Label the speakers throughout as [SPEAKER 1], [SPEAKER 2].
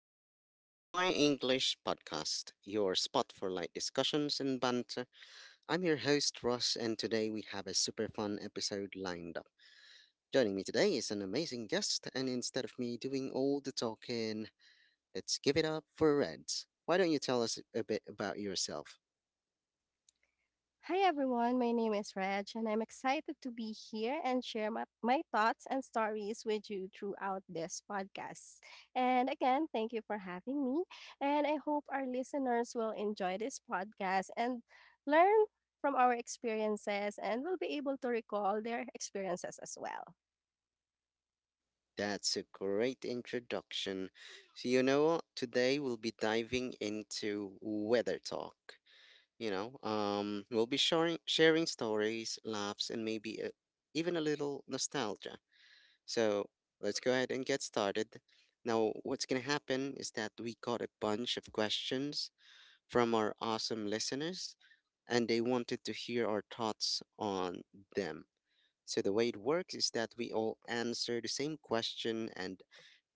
[SPEAKER 1] back to the Pinoy English Podcast, your spot for light discussions and banter. I'm your host, Ross, and today we have a super fun episode lined up. Joining me today is an amazing guest, and instead of me doing all the talking, let's give it up for Reds. Why don't you tell us a bit about yourself?
[SPEAKER 2] Hi everyone, my name is Reg, and I'm excited to be here and share my thoughts and stories with you throughout this podcast. And again, thank you for having me. And I hope our listeners will enjoy this podcast and learn from our experiences and will be able to recall their experiences as well.
[SPEAKER 1] That's a great introduction. So, you know what? Today we'll be diving into weather talk. We'll be sharing stories, laughs, and maybe even a little nostalgia. So let's go ahead and get started. Now, what's gonna happen is that we got a bunch of questions from our awesome listeners, and they wanted to hear our thoughts on them. So the way it works is that we all answer the same question and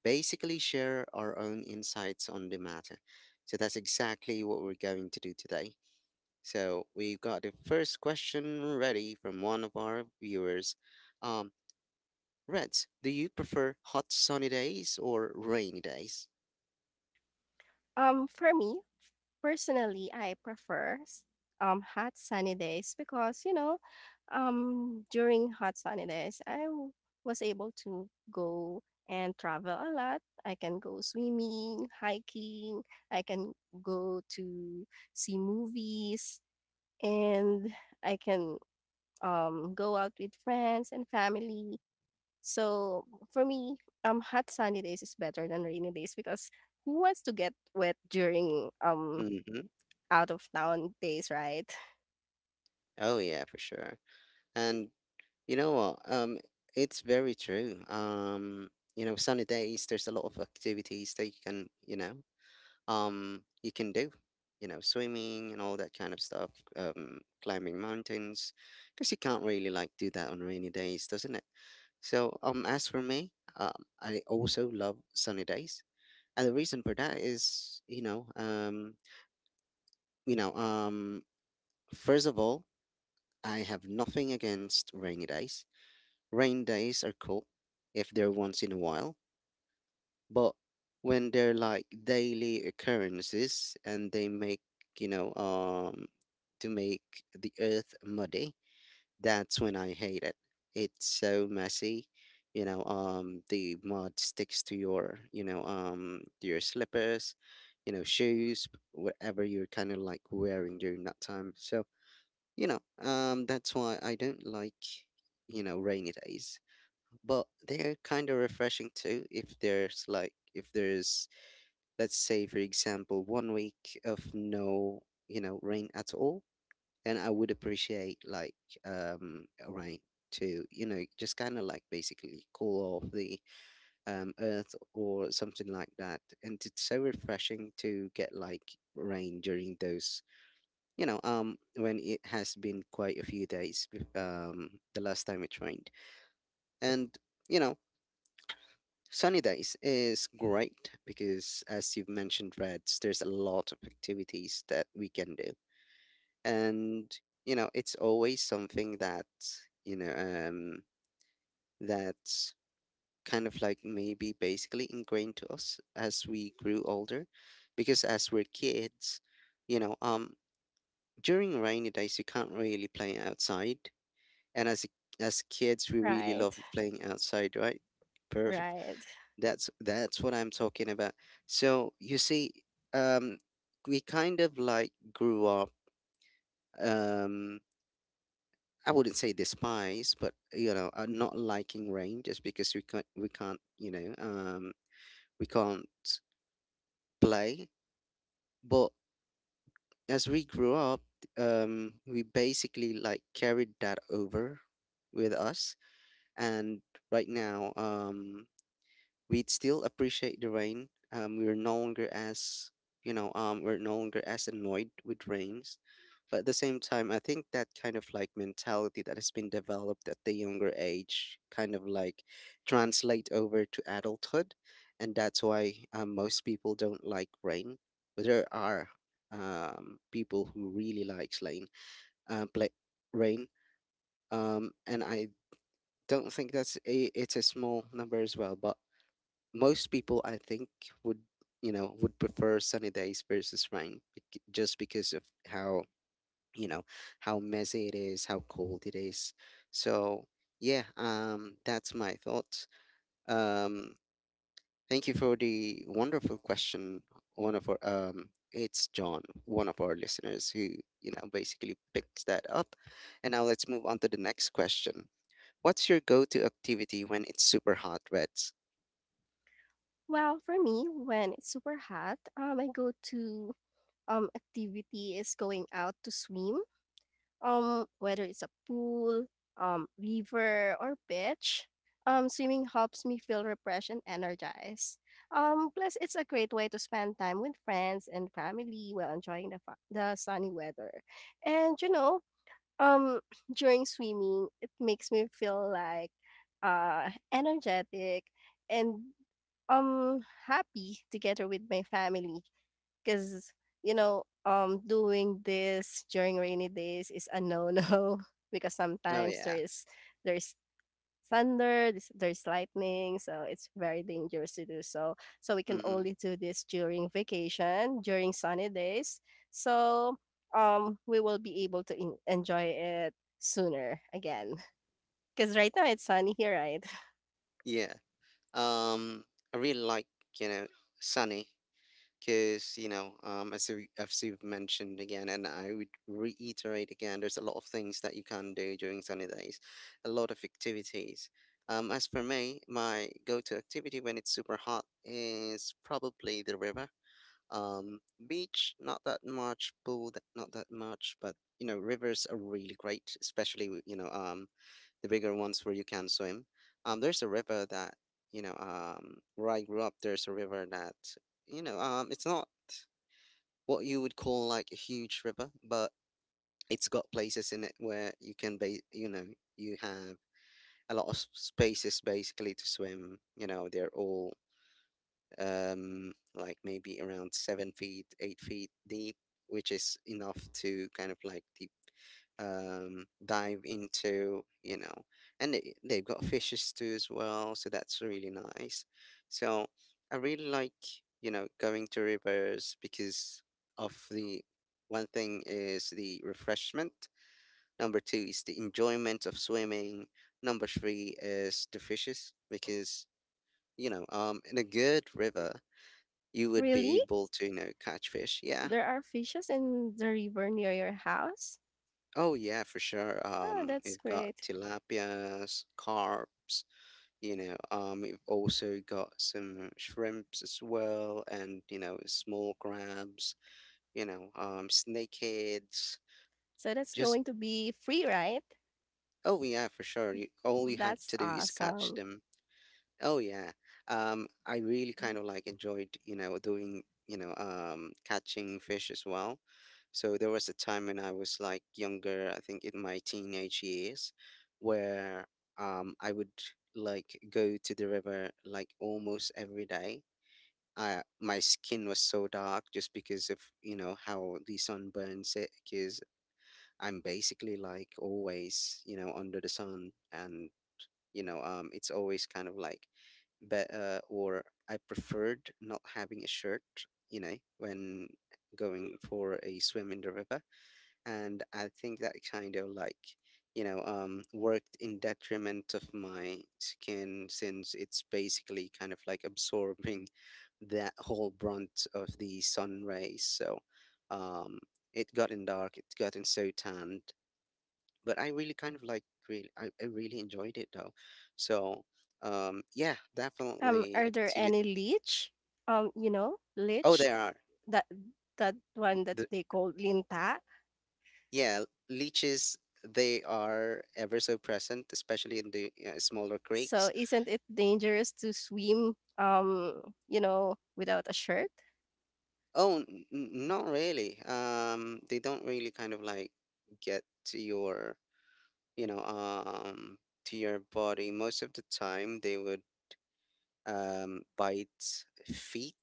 [SPEAKER 1] basically share our own insights on the matter. So that's exactly what we're going to do today. So we've got the first question ready from one of our viewers. Um, Reds, do you prefer hot sunny days or rainy days?
[SPEAKER 2] For me, personally, I prefer hot sunny days because, during hot sunny days, was able to go and travel a lot. I can go swimming, hiking, I can go to see movies, and I can go out with friends and family. So for me, hot sunny days is better than rainy days because who wants to get wet during
[SPEAKER 1] Mm-hmm.
[SPEAKER 2] out of town days, right?
[SPEAKER 1] Oh yeah, for sure. And you know what? It's very true. Sunny days, there's a lot of activities that you can, you can do swimming and all that kind of stuff, climbing mountains, because you can't really like do that on rainy days, doesn't it? So as for me, um I also love sunny days. And the reason for that is, you know um first of all, I have nothing against rainy days. Rain days are cool if they're once in a while. But when they're like daily occurrences and they make, you know um to make the earth muddy, that's when I hate it. It's so messy. The mud sticks to your, to your slippers, you know, shoes, whatever you're kind of like wearing during that time. So, you know that's why I don't like, you know, rainy days. But they're kind of refreshing too, if there's like, if there's, let's say for example, 1 week of no, you know, rain at all. Then I would appreciate like, um rain to, you know, just kind of like basically cool off the, earth or something like that. And it's so refreshing to get like rain during those, when it has been quite a few days um the last time it rained. And, you know, sunny days is great because, as you've mentioned, Reds, there's a lot of activities that we can do. And, you know, it's always something that, you know, um, that's kind of like maybe basically ingrained to us as we grew older. Because as we're kids, you know, um, during rainy days, you can't really play outside. And as kids, we really
[SPEAKER 2] Right,
[SPEAKER 1] love playing outside, right?
[SPEAKER 2] right.
[SPEAKER 1] That's what I'm talking about. So you see, um, we kind of like grew up. Um, I wouldn't say despise, but you know, not liking rain just because we can't play. But as we grew up, we basically like carried that over with us. And right now, we'd still appreciate the rain. We're no longer we're no longer as annoyed with rains. But at the same time, I think that kind of like mentality that has been developed at the younger age kind of like translate over to adulthood, and that's why most people don't like rain. But there are people who really likes rain, pla rain, and I don't think that's it's a small number as well. But most people I think would, you know, would prefer sunny days versus just because of how, you know, how messy it is, how cold it is. So yeah, that's my thoughts. Um, thank you for the wonderful question. One of our it's John, one of our listeners who, you know, basically picks that up. And now let's move on to the next question. What's your go-to activity when it's super hot, Reds?
[SPEAKER 2] Well, for me, when it's super hot, my go-to activity is going out to swim. Whether it's a pool, river or beach, swimming helps me feel refreshed and energized. Plus it's a great way to spend time with friends and family while enjoying the sunny weather. And you know, Um, during swimming, it makes me feel like energetic and um happy together with my family because you know, doing this during rainy days is a no-no because
[SPEAKER 1] Oh
[SPEAKER 2] sometimes there
[SPEAKER 1] yeah.
[SPEAKER 2] is there's thunder, there's lightning, so it's very dangerous to do so. So we can
[SPEAKER 1] Mm-hmm.
[SPEAKER 2] only do this during vacation, during sunny days. So we will be able to enjoy it sooner again. Because right now it's sunny here, right?
[SPEAKER 1] Yeah. Um, I really like, you know, sunny, because as you've mentioned again, and I would reiterate again, there's a lot of things that you can do during sunny days, a lot of activities. As for me, my go-to activity when it's super hot is probably the river. Um, beach, not that much. Pool, not that much. But you know, rivers are really great, especially with, the bigger ones where you can swim. There's a river that, where I grew up. There's a river that, it's not what you would call like a huge river, but it's got places in it where you can you know, you have a lot of spaces basically to swim. You know they're all, like maybe around 7 feet, 8 feet deep, which is enough to kind of like deep dive into, you know, and they've got fishes too as well, so that's really nice. So I really like, you know, going to rivers because of the, one thing is the refreshment, number two is the enjoyment of swimming, number three is the fishes because, in a good river, you would be
[SPEAKER 2] Really?
[SPEAKER 1] able to, you know, catch fish. Yeah.
[SPEAKER 2] There are fishes in the river near your house?
[SPEAKER 1] Oh yeah, for sure.
[SPEAKER 2] Oh, that's
[SPEAKER 1] We've got
[SPEAKER 2] great.
[SPEAKER 1] tilapias, carps, we've also got some shrimps as well, and, you know, small crabs, snakeheads.
[SPEAKER 2] So that's
[SPEAKER 1] Just,
[SPEAKER 2] going to be free, right?
[SPEAKER 1] oh yeah, for sure. You, all you have
[SPEAKER 2] That's
[SPEAKER 1] to do is catch
[SPEAKER 2] awesome.
[SPEAKER 1] them. Oh yeah. I really kind of like enjoyed, you know, doing, catching fish as well. So there was a time when I was like younger, I think in my teenage years, where I would like go to the river like almost every day. I my skin was so dark just because of, you know, how the sun burns it, because I'm basically like always, you know, under the sun. And it's always kind of like, but or I preferred not having a shirt, you know, when going for a swim in the river. And I think that kind of like, worked in detriment of my skin, since it's basically kind of like absorbing that whole brunt of the sun rays. So um it gotten dark, it gotten so tanned. But I really kind of like, I really enjoyed it though. So yeah, definitely
[SPEAKER 2] Are there
[SPEAKER 1] activity.
[SPEAKER 2] any leech? You know,
[SPEAKER 1] Oh,
[SPEAKER 2] leech
[SPEAKER 1] there are
[SPEAKER 2] that that one that
[SPEAKER 1] the
[SPEAKER 2] they call linta.
[SPEAKER 1] yeah leeches. They are ever so present, especially in the smaller
[SPEAKER 2] So
[SPEAKER 1] creeks.
[SPEAKER 2] isn't it dangerous to swim without a shirt?
[SPEAKER 1] Oh, not really. They don't really kind of like get to your, you know um to your body most of the time. They would bite feet,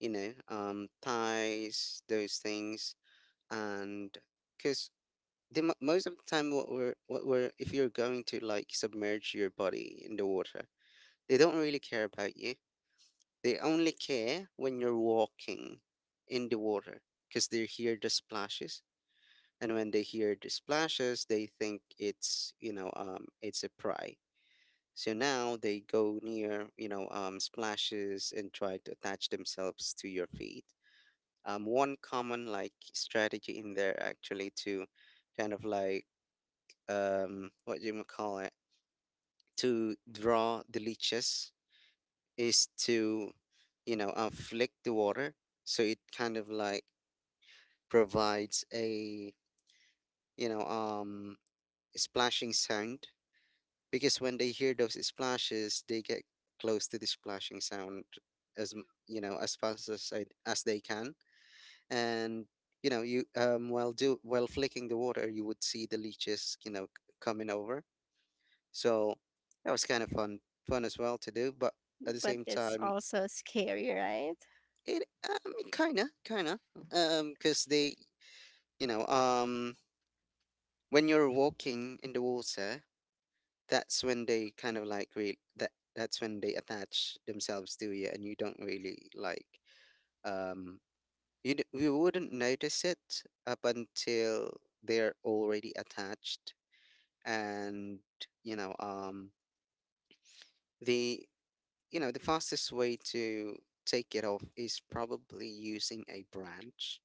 [SPEAKER 1] you know, thighs, those things. And because most of the time what we're if you're going to like submerge your body in the water, they don't really care about you. They only care when you're walking in the water, because they hear the splashes. And when they hear the splashes, they think it's, it's a prey. So now they go near, splashes, and try to attach themselves to your feet. One common like strategy in there actually to kind of like, what do you call it, to draw the leeches is to, you know, inflict the water, so it kind of like provides a, you know um splashing sound. Because when they hear those splashes, they get close to the splashing sound you know, as fast as as they can. And you know you while do while flicking the water, you would see the leeches, you know, coming over. So that was kind of fun as well to do. But at the
[SPEAKER 2] But
[SPEAKER 1] same
[SPEAKER 2] it's
[SPEAKER 1] time,
[SPEAKER 2] also scary, right?
[SPEAKER 1] it kinda, kinda, because they, you know, um, when you're walking in the water, that's when they kind of like re that that's when they attach themselves to you, and you don't really like um you wouldn't notice it up until they're already attached. And you know um. the, you know, the fastest way to take it off is probably using a branch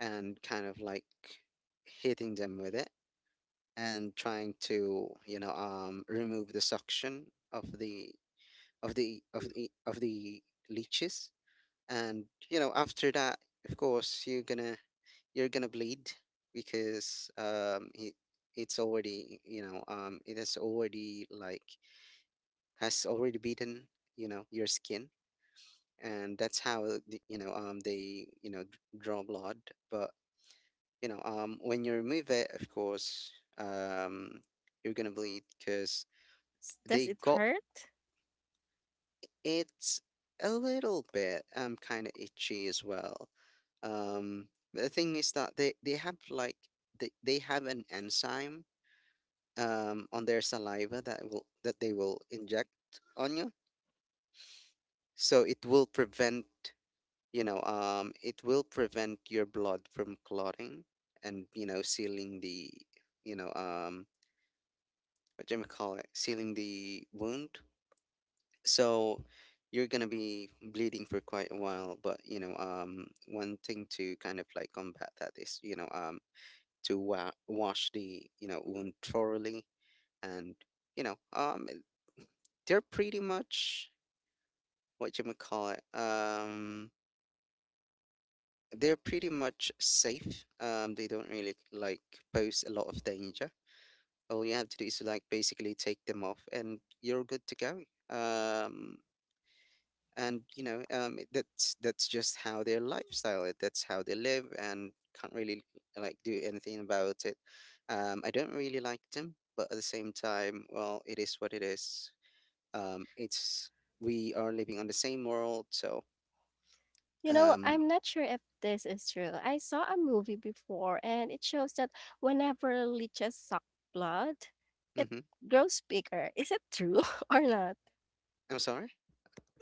[SPEAKER 1] and kind of like hitting them with it, and trying to, you know, remove the suction of the of the of the of the leeches. And after that, of course, you're gonna bleed because it's already it has already beaten your skin, and that's how they draw blood. But when you remove it, of course, um you're gonna bleed because
[SPEAKER 2] Does
[SPEAKER 1] they
[SPEAKER 2] it
[SPEAKER 1] got
[SPEAKER 2] hurt?
[SPEAKER 1] it a little bit kind of itchy as well. um but the thing is that they have like they have an enzyme on their saliva that will that they will inject on you, so it will prevent your blood from clotting, and sealing the you know um what do you call it, sealing the wound. So you're gonna be bleeding for quite a while, but one thing to kind of like combat that is to wash the wound thoroughly. And you know um they're pretty much what you would call it. They're pretty much safe. They don't really like pose a lot of danger. All you have to do is like basically take them off, and you're good to go. Um, and that's just how their lifestyle is. That's how they live, and can't really like do anything about it. I don't really like them, but at the same time, well, it is what it is. It's we are living on the same world, so,
[SPEAKER 2] You know,
[SPEAKER 1] um,
[SPEAKER 2] I'm not sure if this is true. I saw a movie before and it shows that whenever leeches suck blood, it
[SPEAKER 1] mhm.
[SPEAKER 2] grows bigger. Is it true or not?
[SPEAKER 1] I'm sorry,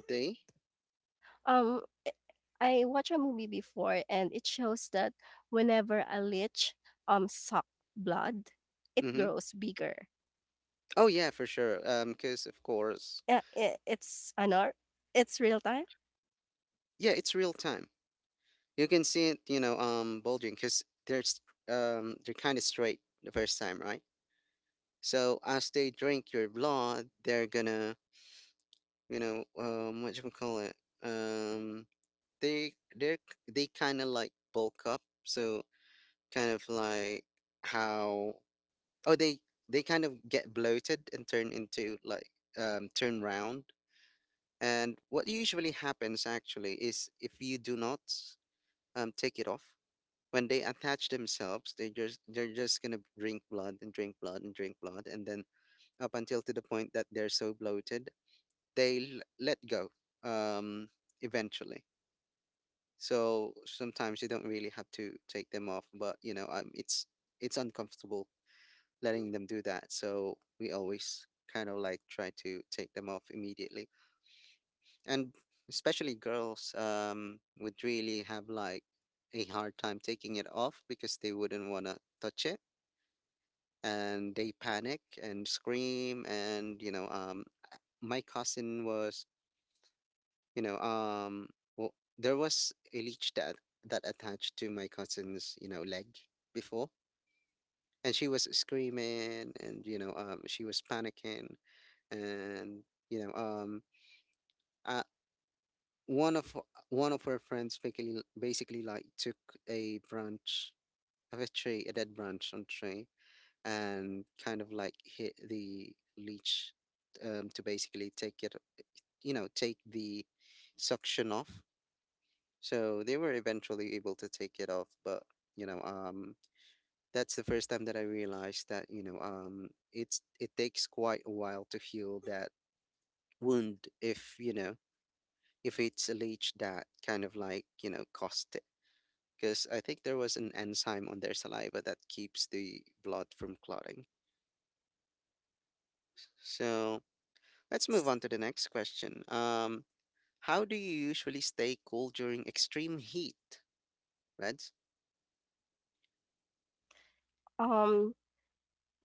[SPEAKER 1] they.
[SPEAKER 2] Um, eh, I watched a movie before and it shows that whenever a lich suck blood, it
[SPEAKER 1] Mm-hmm.
[SPEAKER 2] grows bigger.
[SPEAKER 1] Oh yeah, for sure. Because of course,
[SPEAKER 2] Yeah, I- it's I know it's real time.
[SPEAKER 1] yeah, it's real time. You can see it, bulging because they're kind of straight the first time, right? So as they drink your blood, they're gonna, what do you would call it? Um, they they're they kind of like bulk up. So kind of like how, oh they they kind of get bloated and turn into like, turn round. And what usually happens actually is, if you do not, take it off, when they attach themselves, they're just gonna drink blood and drink blood and drink blood, and then up until to the point that they're so bloated, they let go, um, eventually. So sometimes you don't really have to take them off, but it's uncomfortable letting them do that. So we always kind of like try to take them off immediately, and especially girls, would really have like a hard time taking it off because they wouldn't want to touch it, and they panic and scream. And you know my cousin was you know well, there was a leech that attached to my cousin's leg before, and she was screaming, and she was panicking. And you know um one of one of her friends basically like took a branch of a tree, a dead branch on tree, and kind of like hit the leech, to basically take it, you know, take the suction off. So they were eventually able to take it off, but you know, um, that's the first time that I realized that, it takes quite a while to heal that wound if, if it's a leech that kind of like, caused it, because I think there was an enzyme on their saliva that keeps the blood from clotting. So let's move
[SPEAKER 2] S-
[SPEAKER 1] on to the next question. How do you usually stay cool during extreme heat, Reds?
[SPEAKER 2] Um,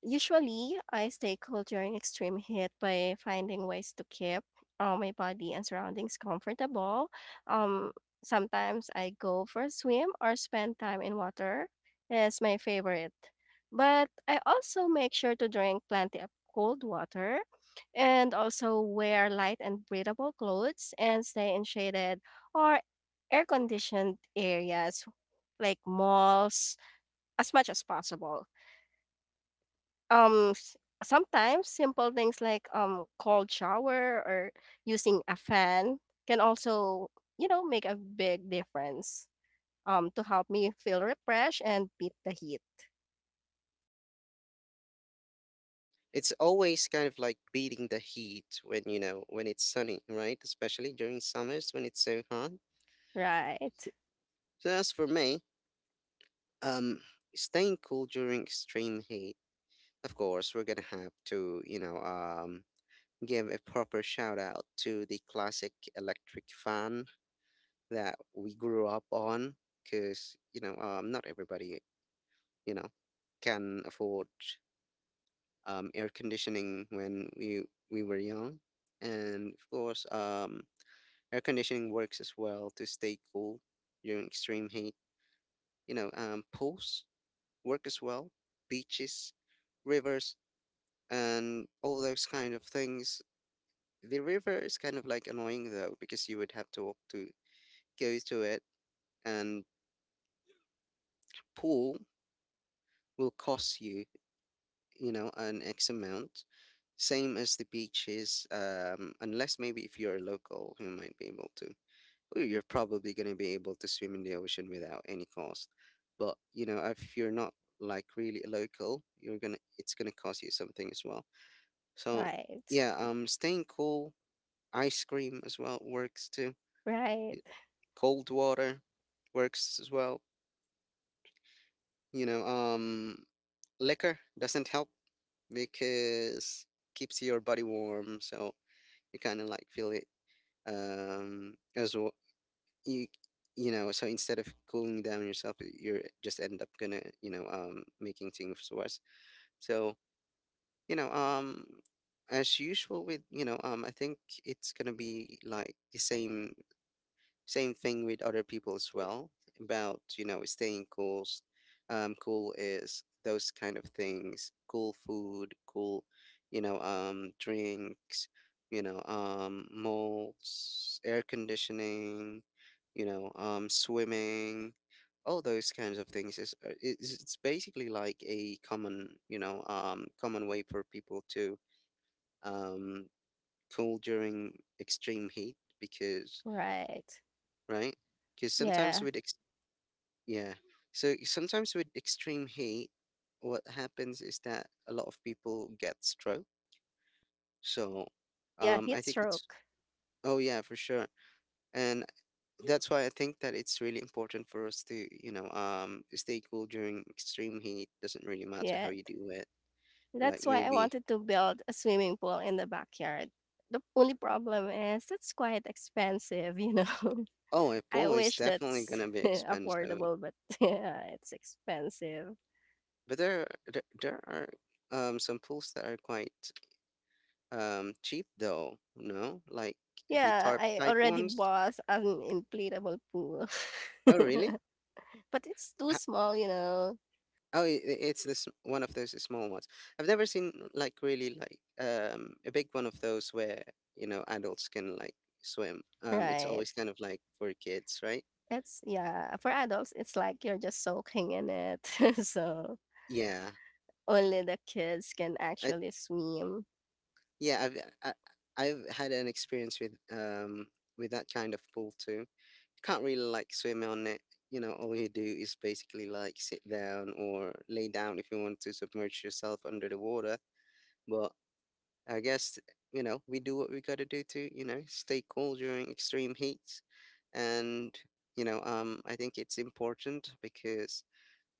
[SPEAKER 2] Usually, I stay cool during extreme heat by finding ways to keep my body and surroundings comfortable. Um, sometimes I go for a swim or spend time in water. It's my favorite. But I also make sure to drink plenty of cold water and also wear light and breathable clothes and stay in shaded or air conditioned areas like malls as much as possible. S sometimes simple things like, cold shower or using a fan can also, you know, make a big difference, to help me feel refreshed and beat the heat.
[SPEAKER 1] It's always kind of like beating the heat when, when it's sunny, right? Especially during summers when it's so hot.
[SPEAKER 2] Right.
[SPEAKER 1] So as for me, um staying cool during extreme heat, of course we're gonna have to, give a proper shout out to the classic electric fan that we grew up on, because not everybody, you know can afford air conditioning when we were young. And of course, air conditioning works as well to stay cool during extreme heat. Pools work as well, beaches, rivers, and all those kind of things. The river is kind of like annoying though, because you would have to walk to go to it, and pool will cost you, you know, an X amount. Same as the beaches, unless maybe if you're a local, you might be able to. Or you're probably going to be able to swim in the ocean without any cost. But, if you're not like really a local, you're gonna it's gonna cost you something as well. So
[SPEAKER 2] Right.
[SPEAKER 1] yeah, staying cool ice cream as well works too. y-
[SPEAKER 2] Right.
[SPEAKER 1] Cold water works as well. You know, um, Liquor doesn't help because keeps your body warm, so you kind of like feel it, as well. You so instead of cooling down yourself, you're just end up gonna, making things worse. So, you know um as usual with, I think it's gonna be like the same Same thing with other people as well about, staying cool. Cool is those kind of things, cool food, cool, drinks, malls, air conditioning, swimming, all those kinds of things is, it's basically like a common, common way for people to, um, cool during extreme heat because,
[SPEAKER 2] Right.
[SPEAKER 1] right? Because sometimes
[SPEAKER 2] Yeah.
[SPEAKER 1] with yeah, so sometimes with extreme heat, what happens is that a lot of people get stroke. So,
[SPEAKER 2] Yeah,
[SPEAKER 1] I
[SPEAKER 2] heat
[SPEAKER 1] think it's
[SPEAKER 2] stroke.
[SPEAKER 1] oh yeah for sure, and that's why I think that it's really important for us to, stay cool during extreme heat. Doesn't really matter how
[SPEAKER 2] Yeah.
[SPEAKER 1] you do it. Like
[SPEAKER 2] That's why I
[SPEAKER 1] maybe
[SPEAKER 2] wanted to build a swimming pool in the backyard. The only problem is it's quite expensive, you know.
[SPEAKER 1] Oh, a
[SPEAKER 2] I
[SPEAKER 1] pool is
[SPEAKER 2] wish
[SPEAKER 1] definitely
[SPEAKER 2] that's
[SPEAKER 1] gonna be expensive,
[SPEAKER 2] affordable, but yeah, it's expensive.
[SPEAKER 1] but there are some pools that are quite cheap though, no? Like the
[SPEAKER 2] Yeah,
[SPEAKER 1] tarp
[SPEAKER 2] I
[SPEAKER 1] type
[SPEAKER 2] already
[SPEAKER 1] ones.
[SPEAKER 2] bought an inflatable pool.
[SPEAKER 1] Oh, really?
[SPEAKER 2] but it's too
[SPEAKER 1] Ha-
[SPEAKER 2] small, you know.
[SPEAKER 1] Oh, it's this one of those small ones. I've never seen like really like a big one of those where, adults can like swim. It's
[SPEAKER 2] Right.
[SPEAKER 1] always kind of like for kids, right?
[SPEAKER 2] It's yeah, for adults it's like you're just soaking in it. so
[SPEAKER 1] Yeah.
[SPEAKER 2] only the kids can
[SPEAKER 1] I,
[SPEAKER 2] actually swim,
[SPEAKER 1] Yeah, I, I've had an experience with, with that kind of pool too. You can't really like swim on it. All you do is basically like sit down or lay down if you want to submerge yourself under the water. But I guess, we do what we gotta do to, stay cool during extreme heats, and, I think it's important because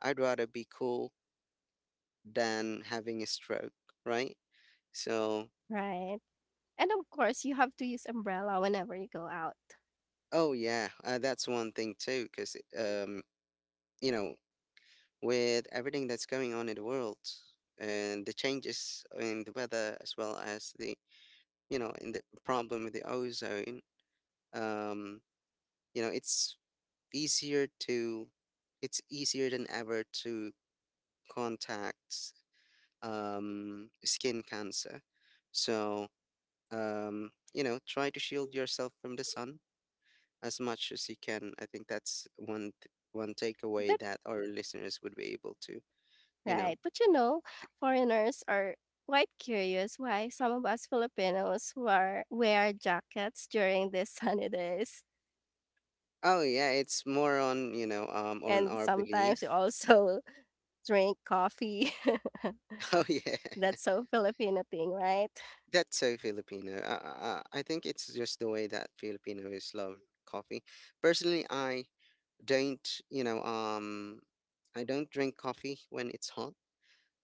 [SPEAKER 1] I'd rather be cool than having a stroke, right? So,
[SPEAKER 2] right? And of course, you have to use umbrella whenever you go out.
[SPEAKER 1] oh yeah, that's one thing too, because, you know, with everything that's going on in the world and the changes in the weather as well as the, in the problem with the ozone, um, you know, it's easier to, it's easier than ever to contact, skin cancer. So, try to shield yourself from the sun as much as you can. I think that's one takeaway
[SPEAKER 2] But
[SPEAKER 1] that our listeners would be able to, you know.
[SPEAKER 2] right. But you know, foreigners are quite curious why some of us Filipinos wear jackets during these sunny days.
[SPEAKER 1] Oh yeah, it's more on, on
[SPEAKER 2] And
[SPEAKER 1] our
[SPEAKER 2] sometimes we
[SPEAKER 1] belief.
[SPEAKER 2] also drink coffee.
[SPEAKER 1] Oh yeah,
[SPEAKER 2] That's so Filipino thing, right?
[SPEAKER 1] that's so Filipino. I think it's just the way that Filipinos love coffee. Personally, don't you know um I don't drink coffee when it's hot,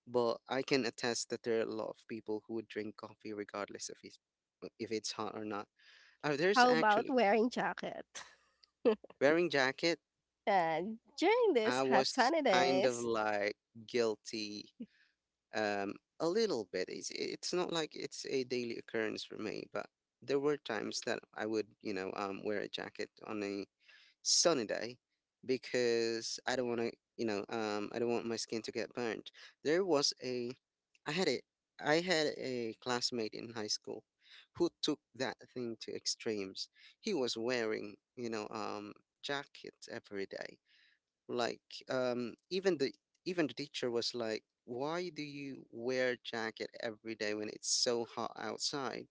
[SPEAKER 1] but I can attest that there are a lot of people who would drink coffee regardless if it's hot or not. Oh, there's
[SPEAKER 2] How about
[SPEAKER 1] actually
[SPEAKER 2] wearing jacket?
[SPEAKER 1] wearing jacket.
[SPEAKER 2] And during these
[SPEAKER 1] I
[SPEAKER 2] hot
[SPEAKER 1] was
[SPEAKER 2] sunny
[SPEAKER 1] kind of
[SPEAKER 2] days,
[SPEAKER 1] like guilty, um, a little bit. It's not like it's a daily occurrence for me, but there were times that I would, wear a jacket on a sunny day because, I don't want my skin to get burnt. There was a, I had a, I had a classmate in high school who took that thing to extremes. He was wearing, jackets every day, like, um, even the even the teacher was like, "Why do you wear jacket every day when it's so hot outside?"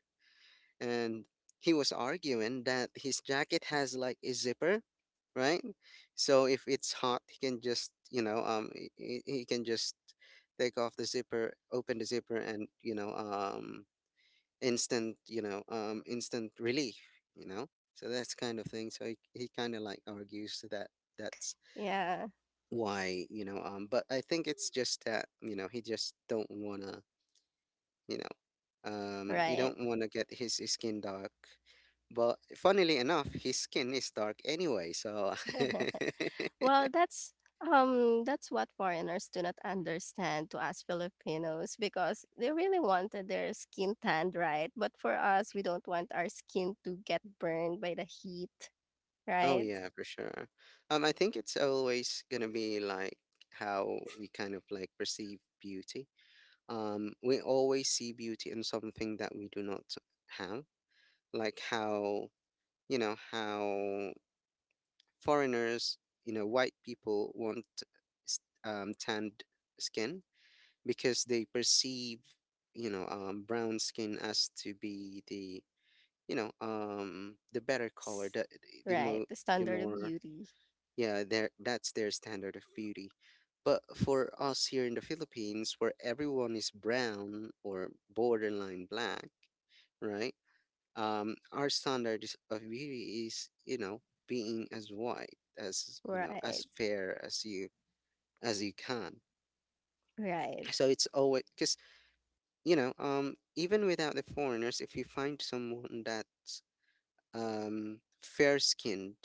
[SPEAKER 1] And he was arguing that his jacket has like a zipper, right? So if it's hot, he can just take off the zipper, open the zipper, and, instant relief, you know. So that's kind of thing. So he kind of like argues to that, that's
[SPEAKER 2] yeah,
[SPEAKER 1] why you know um but I think it's just that, you know he just don't wanna, he
[SPEAKER 2] right.
[SPEAKER 1] don't wanna get his skin dark, but funnily enough his skin is dark anyway so
[SPEAKER 2] Well, that's what foreigners do not understand to us Filipinos because they really wanted their skin tanned, right? But for us, we don't want our skin to get burned by the heat,
[SPEAKER 1] Oh
[SPEAKER 2] right?
[SPEAKER 1] yeah, for sure. I think it's always gonna be like how we kind of like perceive beauty. We always see beauty in something that we do not have, like how foreigners, white people want tanned skin, because they perceive, brown skin as to be the, the better color,
[SPEAKER 2] S-
[SPEAKER 1] the
[SPEAKER 2] Right,
[SPEAKER 1] more,
[SPEAKER 2] the
[SPEAKER 1] the
[SPEAKER 2] standard of
[SPEAKER 1] more,
[SPEAKER 2] beauty.
[SPEAKER 1] yeah, their that's their standard of beauty. But for us here in the Philippines, where everyone is brown or borderline black, right? Our standard of beauty is, being as white as,
[SPEAKER 2] Right.
[SPEAKER 1] as fair as you can.
[SPEAKER 2] Right.
[SPEAKER 1] So it's always because, even without the foreigners, if you find someone that's fair skinned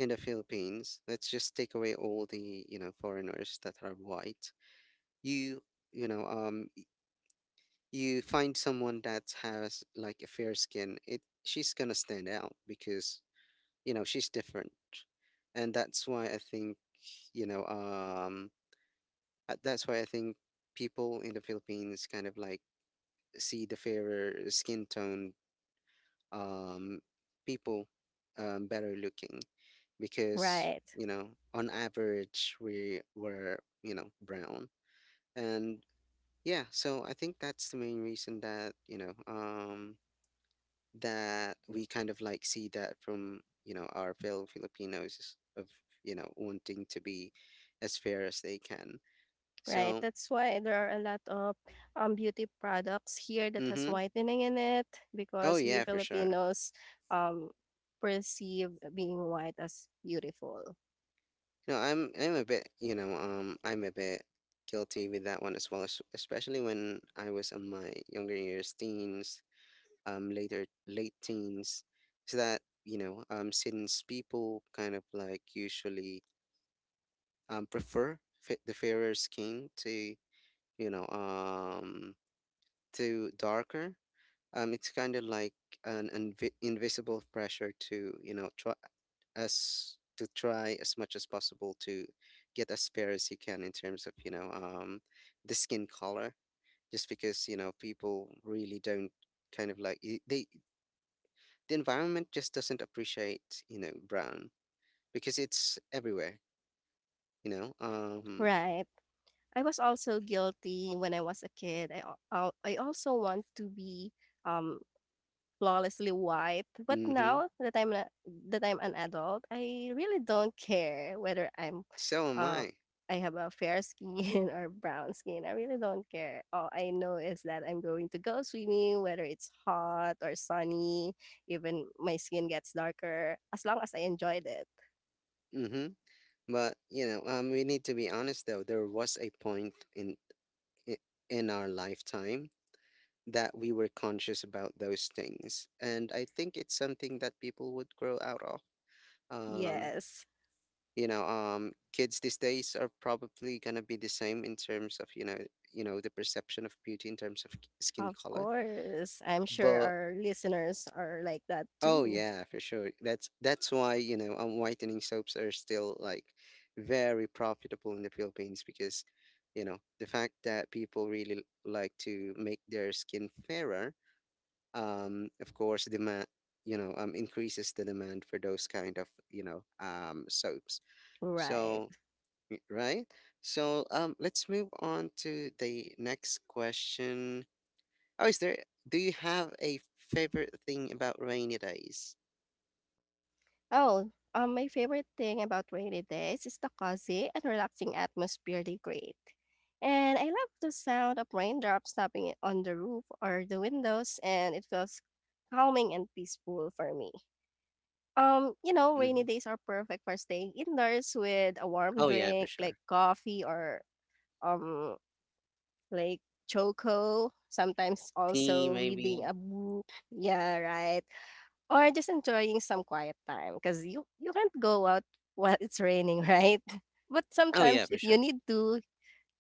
[SPEAKER 1] in the Philippines. Let's just take away all the, foreigners that are white. You you know um y- you find someone that has like a fair skin, it she's gonna stand out because, she's different. And that's why I think you know that's why I think people in the philippines kind of like see the fairer skin tone um people better looking, because,
[SPEAKER 2] Right,
[SPEAKER 1] on average we were, brown. And yeah, so I think that's the main reason, that, that we kind of like see that from, our fellow Filipinos, of, wanting to be as fair as they can.
[SPEAKER 2] right.
[SPEAKER 1] So,
[SPEAKER 2] That's why there are a lot of beauty products here that has
[SPEAKER 1] mm-hmm.
[SPEAKER 2] whitening in it
[SPEAKER 1] Oh
[SPEAKER 2] because we
[SPEAKER 1] yeah, for sure.
[SPEAKER 2] Filipinos um perceive being white as beautiful.
[SPEAKER 1] No, I'm a bit, I'm a bit guilty with that one as well, especially when I was on my younger years, teens, later late teens, so that, since people kind of like usually prefer the fairer scheme to, you know um to darker. It's kind of like an invisible pressure to, try as to try as much as possible to get as fair as you can in terms of, the skin color, just because, people really don't kind of like they, the environment just doesn't appreciate, brown because it's everywhere, you know. Um,
[SPEAKER 2] Right. I was also guilty when I was a kid. I also want to be um flawlessly white. But
[SPEAKER 1] mm-hmm.
[SPEAKER 2] now that I'm a, that I'm an adult, I really don't care whether I'm
[SPEAKER 1] So am
[SPEAKER 2] uh,
[SPEAKER 1] I.
[SPEAKER 2] I have a fair skin or brown skin. I really don't care. All I know is that I'm going to go swimming, whether it's hot or sunny, even my skin gets darker, as long as I enjoyed it.
[SPEAKER 1] Mm-hmm. But, we need to be honest though. There was a point in i- in our lifetime that we were conscious about those things. And I think it's something that people would grow out of. Um,
[SPEAKER 2] Yes,
[SPEAKER 1] Kids these days are probably gonna be the same in terms of, the perception of beauty in terms of skin
[SPEAKER 2] of
[SPEAKER 1] color.
[SPEAKER 2] course. I'm sure
[SPEAKER 1] But
[SPEAKER 2] our listeners are like that
[SPEAKER 1] oh
[SPEAKER 2] too.
[SPEAKER 1] yeah, for sure. That's why, whitening soaps are still like very profitable in the Philippines because, the fact that people really like to make their skin fairer, of course, demand you know increases the demand for those kind of, soaps.
[SPEAKER 2] Right.
[SPEAKER 1] So right. So, let's move on to the next question. Oh, is there? Do you have a favorite thing about rainy days?
[SPEAKER 2] Oh, my favorite thing about rainy days is the cozy and relaxing atmosphere they create. And I love the sound of raindrops tapping on the roof or the windows, and it feels calming and peaceful for me. You know, rainy
[SPEAKER 1] Hmm.
[SPEAKER 2] days are perfect for staying indoors with a warm
[SPEAKER 1] Oh yeah, for
[SPEAKER 2] drink like
[SPEAKER 1] sure.
[SPEAKER 2] coffee or um like choco. Sometimes
[SPEAKER 1] Tea
[SPEAKER 2] also
[SPEAKER 1] maybe.
[SPEAKER 2] reading a book. Yeah, right. Or just enjoying some quiet time, cause you can't go out while it's raining, right? But
[SPEAKER 1] Oh yeah,
[SPEAKER 2] sometimes
[SPEAKER 1] for
[SPEAKER 2] if you
[SPEAKER 1] sure.
[SPEAKER 2] need to,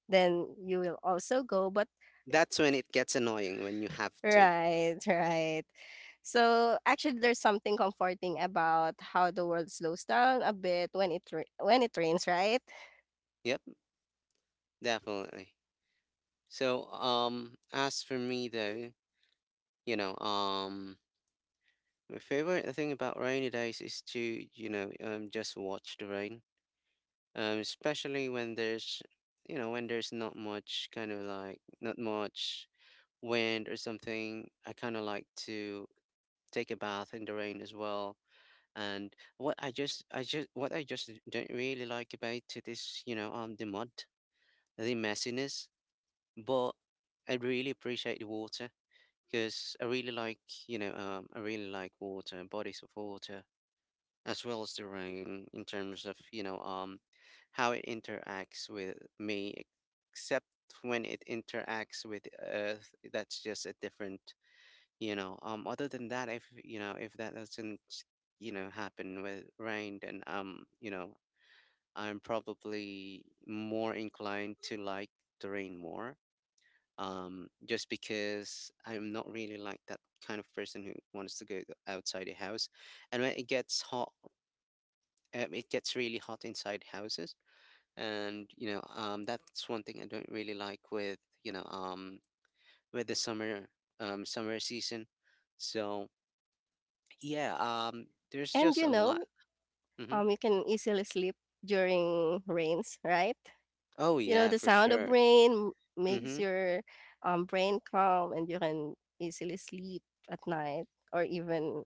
[SPEAKER 2] then you will also go, but
[SPEAKER 1] That's when it gets annoying when you have to.
[SPEAKER 2] right, right. So, actually there's something comforting about how the world slows down a bit when it rai when it rains, right?
[SPEAKER 1] Yep, definitely. So, as for me though, you know, um, my favorite thing about rainy days is to, just watch the rain. Especially when there's, when there's not much kind of like not much wind or something. I kind of like to take a bath in the rain as well. And what I just don't really like about it is, the mud, the messiness. But I really appreciate the water, because I really like water, bodies of water, as well as the rain in terms of, how it interacts with me, except when it interacts with Earth. That's just a different. Other than that, if, if that doesn't, happen with rain, then, I'm probably more inclined to like the rain more, just because I'm not really like that kind of person who wants to go outside the house. And when it gets hot, it gets really hot inside houses, and, that's one thing I don't really like with, you know um with the summer, summer season, so. Yeah, there's
[SPEAKER 2] And
[SPEAKER 1] just
[SPEAKER 2] you
[SPEAKER 1] a lot.
[SPEAKER 2] know,
[SPEAKER 1] Hmm.
[SPEAKER 2] you can easily sleep during rains, right?
[SPEAKER 1] Oh
[SPEAKER 2] You know,
[SPEAKER 1] yeah,
[SPEAKER 2] the
[SPEAKER 1] for
[SPEAKER 2] sound of
[SPEAKER 1] sure.
[SPEAKER 2] rain makes
[SPEAKER 1] Hmm.
[SPEAKER 2] your brain calm and you can easily sleep at night or even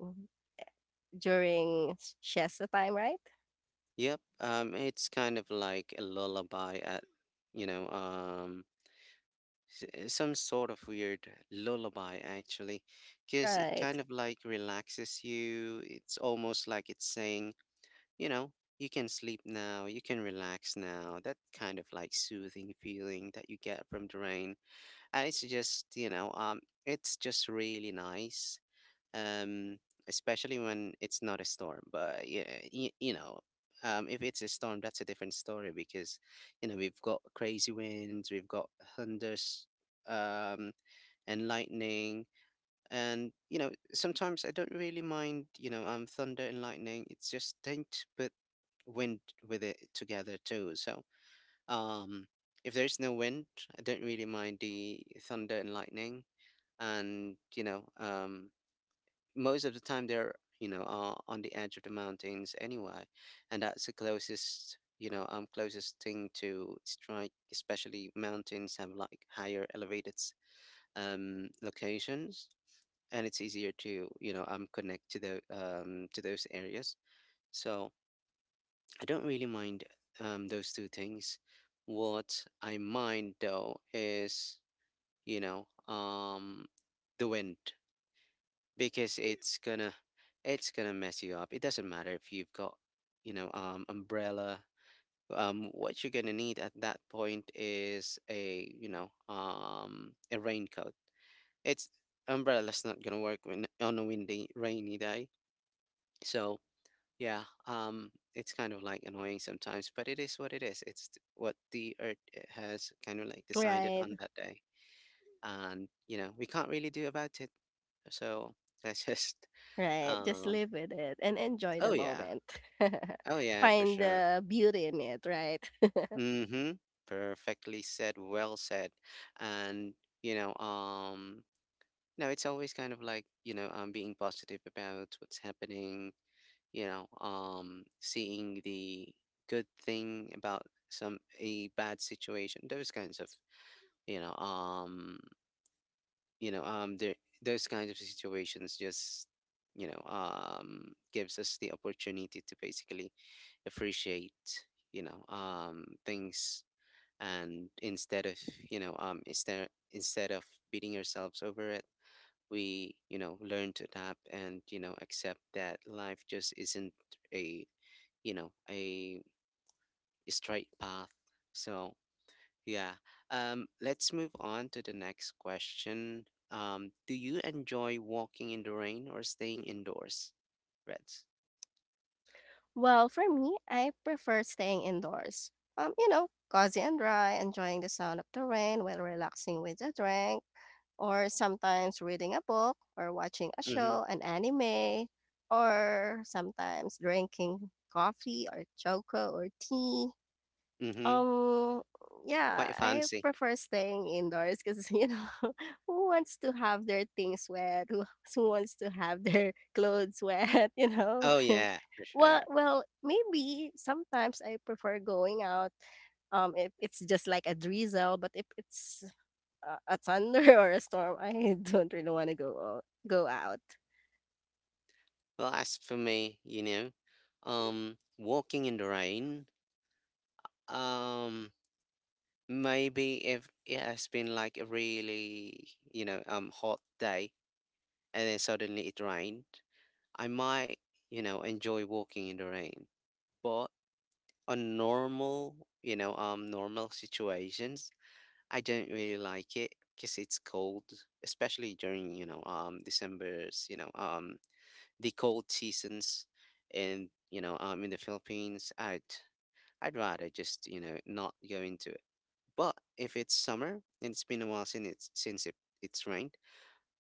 [SPEAKER 2] during siesta time, right?
[SPEAKER 1] Yep. It's kind of like a lullaby at, you know, um, some sort of weird lullaby actually, because it
[SPEAKER 2] Right,
[SPEAKER 1] kind of like relaxes you. It's almost like it's saying, you know, you can sleep now, you can relax now. That kind of like soothing feeling that you get from the rain. And it's just, it's just really nice, um, especially when it's not a storm. But yeah, you, you know, if it's a storm, that's a different story because, we've got crazy winds, we've got thunders, um, and lightning, and, sometimes I don't really mind, thunder and lightning. It's just don't put wind with it together too. So, um, if there's no wind, I don't really mind the thunder and lightning. And, most of the time they're, on the edge of the mountains anyway, and that's the closest you know closest thing to strike, especially mountains have like higher elevated locations, and it's easier to, connect to the, to those areas, so I don't really mind, those two things. What I mind though is, you know um the wind, because it's gonna mess you up. It doesn't matter if you've got, umbrella. What you're gonna need at that point is a raincoat. It's umbrella's not gonna work when on a windy, rainy day. So yeah, it's kind of like annoying sometimes, but it is what it is. It's what the earth has kind of like decided
[SPEAKER 2] right,
[SPEAKER 1] on that day, and, we can't really do about it. So let's just
[SPEAKER 2] right. Just
[SPEAKER 1] um
[SPEAKER 2] live with it and enjoy
[SPEAKER 1] Oh
[SPEAKER 2] the
[SPEAKER 1] yeah.
[SPEAKER 2] moment.
[SPEAKER 1] Oh yeah, for
[SPEAKER 2] Find
[SPEAKER 1] sure.
[SPEAKER 2] the beauty in it, right?
[SPEAKER 1] Mhm. Perfectly said, well said. And, you know, um no, it's always kind of like, being positive about what's happening, seeing the good thing about some a bad situation. Those kinds of, you know, um you know there those kinds of situations just, gives us the opportunity to basically appreciate, things, and instead of you know instead instead of beating ourselves over it, we, learn to adapt, and, accept that life just isn't a you know a straight path, so yeah. Let's move on to the next question. Do you enjoy walking in the rain or staying indoors? Reds.
[SPEAKER 2] Well, for me, I prefer staying indoors. You know, cozy and dry, enjoying the sound of the rain while relaxing with a drink or sometimes reading a book or watching a
[SPEAKER 1] Mm-hmm.
[SPEAKER 2] show, an anime, or sometimes drinking coffee or choco or tea.
[SPEAKER 1] Mm-hmm.
[SPEAKER 2] Um,
[SPEAKER 1] Quite
[SPEAKER 2] yeah, I
[SPEAKER 1] fancy.
[SPEAKER 2] prefer staying indoors because you know who wants to have their things wet? Who, who wants to have their clothes wet? You know.
[SPEAKER 1] Oh yeah, for sure.
[SPEAKER 2] Well, maybe sometimes I prefer going out if it's just like a drizzle but if it's a thunder or a storm, I don't really want to go out.
[SPEAKER 1] Well, as for me, walking in the rain, um, maybe if it has been like a really, hot day and then suddenly it rained, I might, enjoy walking in the rain. But on normal, normal situations, I don't really like it because it's cold, especially during, December's, the cold seasons, and, in the Philippines, I'd rather just, not go into it. But if it's summer and it's been a while since it's rained,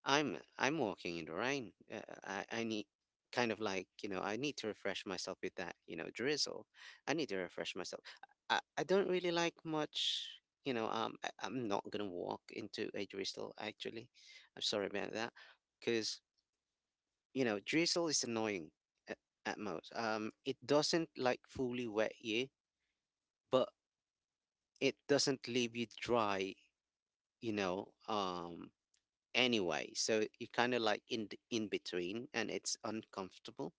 [SPEAKER 1] I'm walking in the rain. I need, kind of like, I need to refresh myself with that, drizzle. I need to refresh myself. I don't really like much. I'm not gonna walk into a drizzle actually. I'm sorry about that because, drizzle is annoying at, at most. It doesn't like fully wet you, but it doesn't leave you dry. You know um anyway. So you're kind of like in in between, and it's uncomfortable.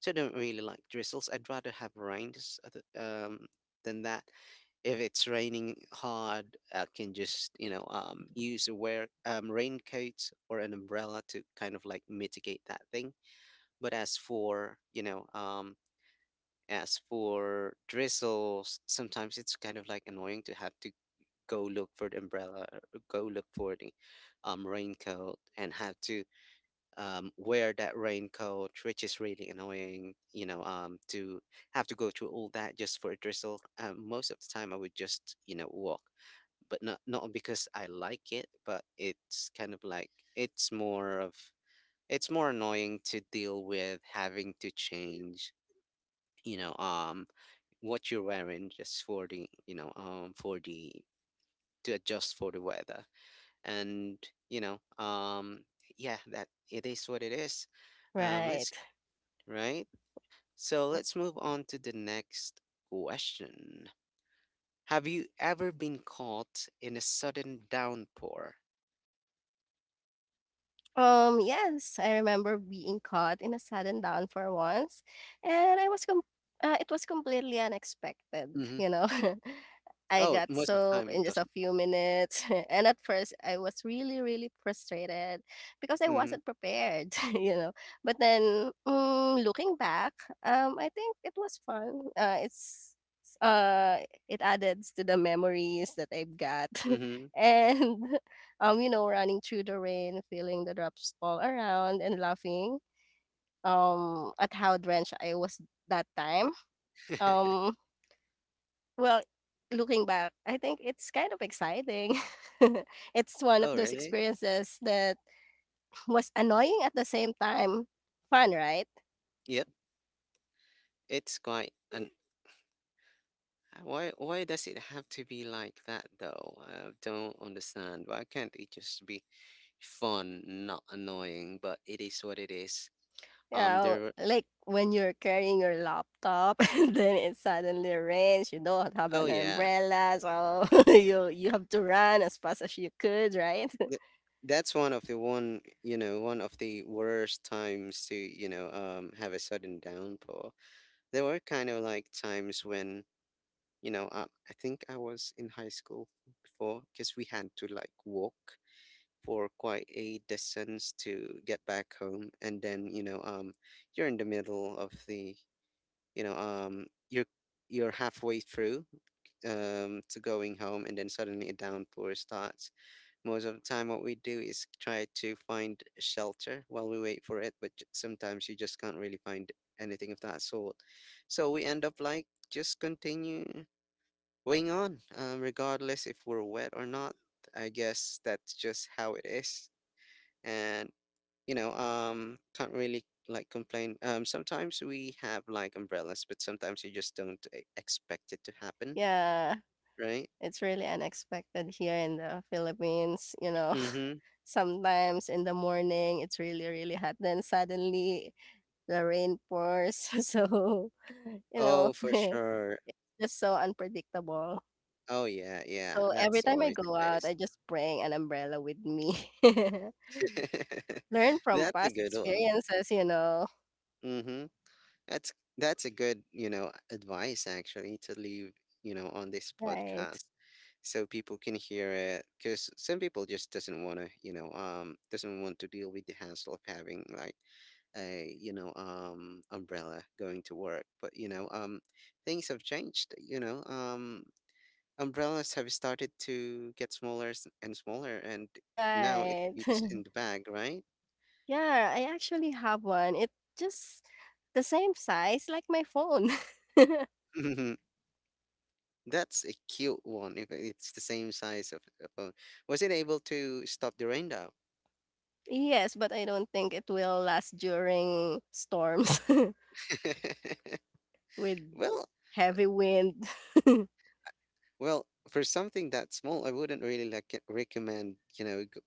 [SPEAKER 1] So I don't really like drizzles. I'd rather have rains than that. If it's raining hard, I can just, use a wear, raincoat or an umbrella to kind of like mitigate that thing. But as for drizzles, sometimes it's kind of like annoying to have to go look for the umbrella, or go look for the, raincoat, and have to, wear that raincoat, which is really annoying, to have to go through all that just for a drizzle. Most of the time, I would just, walk, but not because I like it, but it's kind of like it's more annoying to deal with having to change, you know, um, what you're wearing just for the, to adjust for the weather, and, you know, um, yeah, that it is what it is. Let's
[SPEAKER 2] Right.
[SPEAKER 1] Right? So let's move on to the next question. Have you ever been caught in a sudden downpour?
[SPEAKER 2] Yes, I remember being caught in a sudden down for once, and it was completely unexpected,
[SPEAKER 1] Mm-hmm.
[SPEAKER 2] you know. I
[SPEAKER 1] Oh,
[SPEAKER 2] got
[SPEAKER 1] most of the
[SPEAKER 2] soaked
[SPEAKER 1] time
[SPEAKER 2] in
[SPEAKER 1] it
[SPEAKER 2] just a
[SPEAKER 1] doesn't.
[SPEAKER 2] few minutes, and at first I was really, really frustrated because I
[SPEAKER 1] Mm-hmm.
[SPEAKER 2] wasn't prepared, you know. But then, looking back, I think it was fun. Uh, it added to the memories that I've got,
[SPEAKER 1] Mm-hmm.
[SPEAKER 2] and you know, running through the rain, feeling the drops fall around and laughing at how drenched I was that time. Um, well, Looking back, I think it's kind of exciting. It's one of
[SPEAKER 1] Oh,
[SPEAKER 2] those
[SPEAKER 1] really?
[SPEAKER 2] experiences that was annoying at the same time. Fun, right?
[SPEAKER 1] Yep. It's quite an. Why? Why does it have to be like that though? I don't understand. Why can't it just be fun, not annoying? But it is what it is.
[SPEAKER 2] Yeah,
[SPEAKER 1] There.
[SPEAKER 2] like when you're carrying your laptop and then it suddenly rains, you don't have
[SPEAKER 1] Oh
[SPEAKER 2] an
[SPEAKER 1] yeah.
[SPEAKER 2] umbrella, so you have to run as fast as you could, right?
[SPEAKER 1] Th- That's one of the worst times to have a sudden downpour. There were kind of like times when, you know, I, I think I was in high school before because we had to like walk for quite a distance to get back home, and then, you're in the middle of the, you know, you're halfway through, to going home, and then suddenly a downpour starts most of the time. What we do is try to find shelter while we wait for it, but sometimes you just can't really find anything of that sort. So we end up like just continue going on, regardless if we're wet or not. I guess that's just how it is. And can't really like complain. Sometimes we have like umbrellas, but sometimes you just don't expect it to happen,
[SPEAKER 2] Yeah.
[SPEAKER 1] right?
[SPEAKER 2] It's really unexpected here in the Philippines, you know.
[SPEAKER 1] Mm-hmm.
[SPEAKER 2] Sometimes in the morning it's really, really hot. Then suddenly the rain pours. So, you know,
[SPEAKER 1] Oh, for sure.
[SPEAKER 2] just so unpredictable.
[SPEAKER 1] Oh yeah, yeah.
[SPEAKER 2] So every
[SPEAKER 1] That's
[SPEAKER 2] time I
[SPEAKER 1] always
[SPEAKER 2] go
[SPEAKER 1] the
[SPEAKER 2] out, I
[SPEAKER 1] case.
[SPEAKER 2] just bring an umbrella with me. Learn from
[SPEAKER 1] That's a
[SPEAKER 2] past
[SPEAKER 1] good one.
[SPEAKER 2] experiences, you know.
[SPEAKER 1] Mm-hmm. That's that's a good, advice actually to leave on this
[SPEAKER 2] Right.
[SPEAKER 1] podcast so people can hear it because some people just doesn't want to, you know, doesn't want to deal with the hassle of having like a, umbrella going to work. But, things have changed. Umbrellas have started to get smaller and smaller, and now it
[SPEAKER 2] Right.
[SPEAKER 1] fits in the bag, right?
[SPEAKER 2] Yeah, I actually have one. It just the same size like my phone.
[SPEAKER 1] That's a cute one. If it's the same size of a phone, was it able to stop the rain down?
[SPEAKER 2] Yes, but I don't think it will last during storms with
[SPEAKER 1] well,
[SPEAKER 2] heavy wind.
[SPEAKER 1] well, for something that small, I wouldn't really like recommend. You know,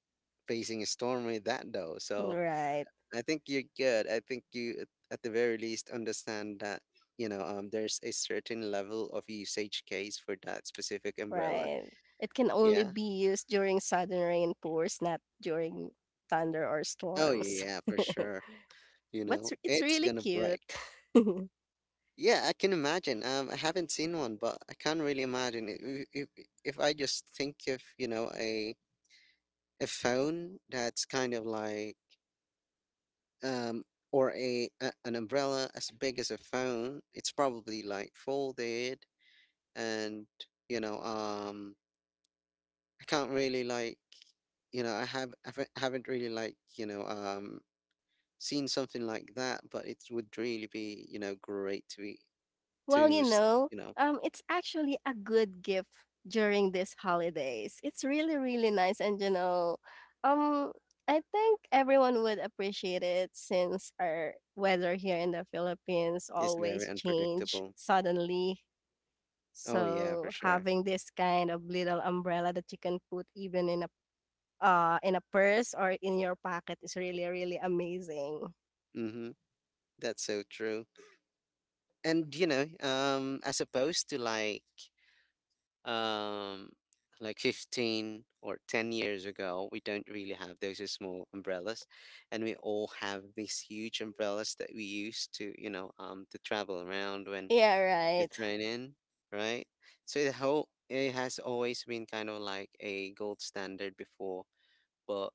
[SPEAKER 1] facing a storm with that though. So
[SPEAKER 2] Right,
[SPEAKER 1] I think you're good. I think you, at the very least, understand that. You know, there's a certain level of usage case for that specific umbrella.
[SPEAKER 2] right. It can only
[SPEAKER 1] Yeah.
[SPEAKER 2] be used during sudden rainpours, not during thunder or
[SPEAKER 1] Oh
[SPEAKER 2] storms.
[SPEAKER 1] yeah, for sure. You
[SPEAKER 2] But
[SPEAKER 1] know,
[SPEAKER 2] it's
[SPEAKER 1] it's
[SPEAKER 2] really
[SPEAKER 1] gonna
[SPEAKER 2] cute.
[SPEAKER 1] break. Yeah, I can imagine. I haven't seen one, but I can't really imagine it. If I just think of, a phone that's kind of like um or a an umbrella as big as a phone, it's probably like folded and you know, um I can't really like I haven't really like, seen something like that, but it would really be, great to be.
[SPEAKER 2] Well,
[SPEAKER 1] To
[SPEAKER 2] you
[SPEAKER 1] s-
[SPEAKER 2] know,
[SPEAKER 1] you know,
[SPEAKER 2] it's actually a good gift during these holidays. It's really, really nice, and you know, um, I think everyone would appreciate it since our weather here in the Philippines
[SPEAKER 1] It's very
[SPEAKER 2] always change
[SPEAKER 1] unpredictable.
[SPEAKER 2] suddenly.
[SPEAKER 1] Oh yeah, for
[SPEAKER 2] So
[SPEAKER 1] sure.
[SPEAKER 2] having this kind of little umbrella that you can put even in a purse or in your pocket is really, really amazing.
[SPEAKER 1] Mm-hmm. That's so true. And as opposed to um like 15 or 10 years ago, we don't really have those small umbrellas, and we all have these huge umbrellas that we use to to travel around when
[SPEAKER 2] Yeah,
[SPEAKER 1] it's raining, right? So the whole, it has always been kind of like a gold standard before. But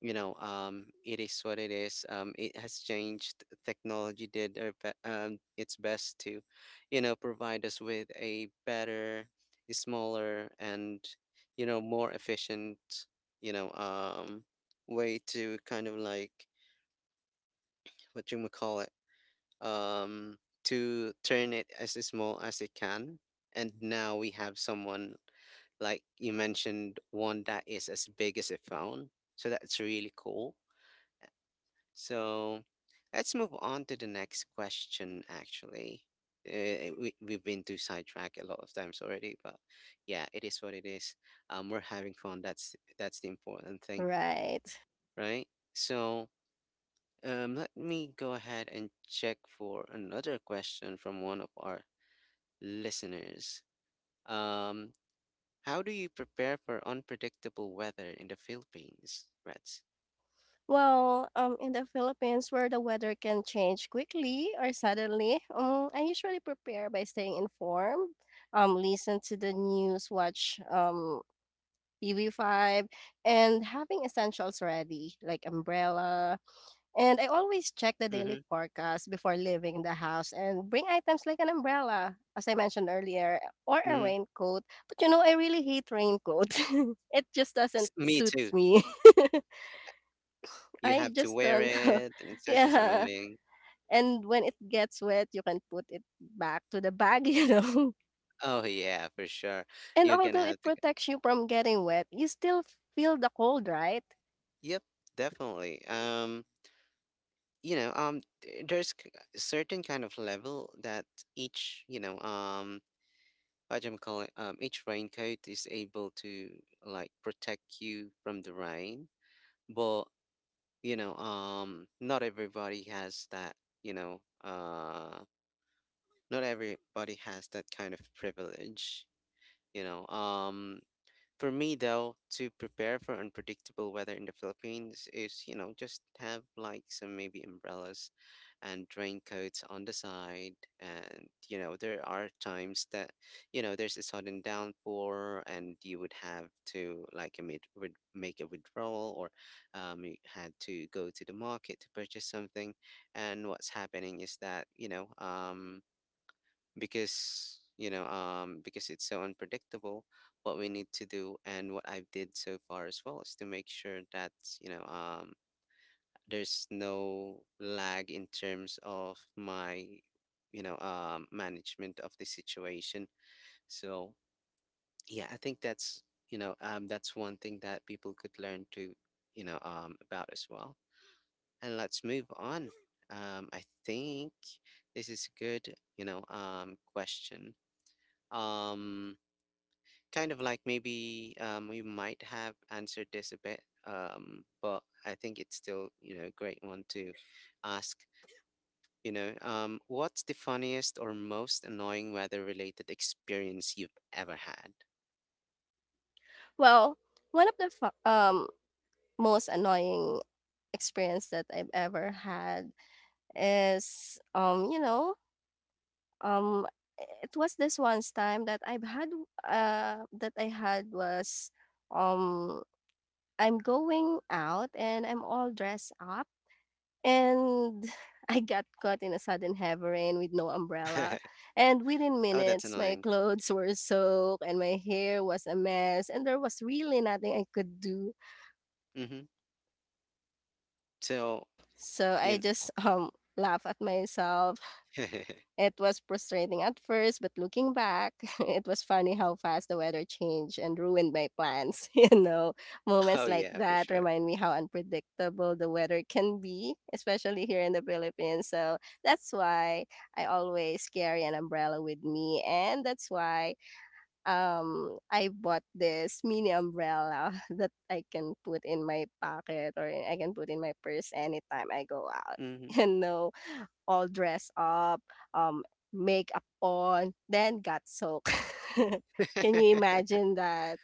[SPEAKER 1] it is what it is. It has changed. Technology did her its best to provide us with a better, smaller, and more efficient, you know um way to kind of like, what you would call it, um to turn it as small as it can. And now we have someone, like you mentioned, one that is as big as a phone, so that's really cool. So let's move on to the next question, actually. We've been to sidetrack a lot of times already, but yeah, it is what it is. We're having fun. That's the important thing,
[SPEAKER 2] right.
[SPEAKER 1] right? So let me go ahead and check for another question from one of our listeners. Um, how do you prepare for unpredictable weather in the Philippines, Reds?
[SPEAKER 2] Well, in the Philippines, where the weather can change quickly or suddenly, I usually prepare by staying informed, listen to the news, watch TV5, and having essentials ready, like umbrella. And I always check the daily
[SPEAKER 1] Mm-hmm.
[SPEAKER 2] forecast before leaving the house and bring items like an umbrella, as I mentioned earlier, or a raincoat. But you know, I really hate raincoat. It just doesn't
[SPEAKER 1] Mm-hmm. Me
[SPEAKER 2] suit
[SPEAKER 1] too.
[SPEAKER 2] me.
[SPEAKER 1] You
[SPEAKER 2] I
[SPEAKER 1] have to
[SPEAKER 2] just
[SPEAKER 1] wear
[SPEAKER 2] don't.
[SPEAKER 1] it, and it's just
[SPEAKER 2] Yeah,
[SPEAKER 1] annoying.
[SPEAKER 2] and when it gets wet, you can put it back to the bag, you know.
[SPEAKER 1] Oh yeah, for sure.
[SPEAKER 2] And
[SPEAKER 1] You're gonna
[SPEAKER 2] although
[SPEAKER 1] have
[SPEAKER 2] it
[SPEAKER 1] to.
[SPEAKER 2] protects you from getting wet, you still feel the cold, right?
[SPEAKER 1] Yep, definitely. There's a certain kind of level that each, what I'm calling, each raincoat is able to like protect you from the rain, but not everybody has that. You know, not everybody has that kind of privilege. You know, for me, though, to prepare for unpredictable weather in the Philippines is, just have like some maybe umbrellas and raincoats on the side. And, there are times that, there's a sudden downpour and you would have to like would make a withdrawal or you had to go to the market to purchase something. And what's happening is that, because because it's so unpredictable, what we need to do and what I've did so far as well is to make sure that you know um there's no lag in terms of my management of the situation. So yeah, I think that's you know that's one thing that people could learn to about as well. And let's move on. I think this is a good, question, um, Kind of like maybe we might have answered this a bit. But I think it's still, a great one to ask. You know, what's the funniest or most annoying weather-related experience you've ever had?
[SPEAKER 2] Well, one of the most annoying experience that I've ever had is um it was this once time that I had was um I'm going out and I'm all dressed up and I got caught in a sudden heavy rain with no umbrella. And within
[SPEAKER 1] Oh, that's
[SPEAKER 2] minutes, my
[SPEAKER 1] annoying.
[SPEAKER 2] clothes were soaked and my hair was a mess, and there was really nothing I could do.
[SPEAKER 1] Mm-hmm. So,
[SPEAKER 2] So I
[SPEAKER 1] you
[SPEAKER 2] just laugh at myself.
[SPEAKER 1] know,
[SPEAKER 2] It was frustrating at first, but looking back, it was funny how fast the weather changed and ruined my plans. You know, moments
[SPEAKER 1] oh
[SPEAKER 2] like
[SPEAKER 1] yeah, for
[SPEAKER 2] that
[SPEAKER 1] sure.
[SPEAKER 2] remind me how unpredictable the weather can be, especially here in the Philippines. So that's why I always carry an umbrella with me, and that's why I bought this mini umbrella that I can put in my pocket or I can put in my purse anytime I go out.
[SPEAKER 1] Mm-hmm.
[SPEAKER 2] You know, all dressed up, um, makeup on, then got soaked. Can you imagine that?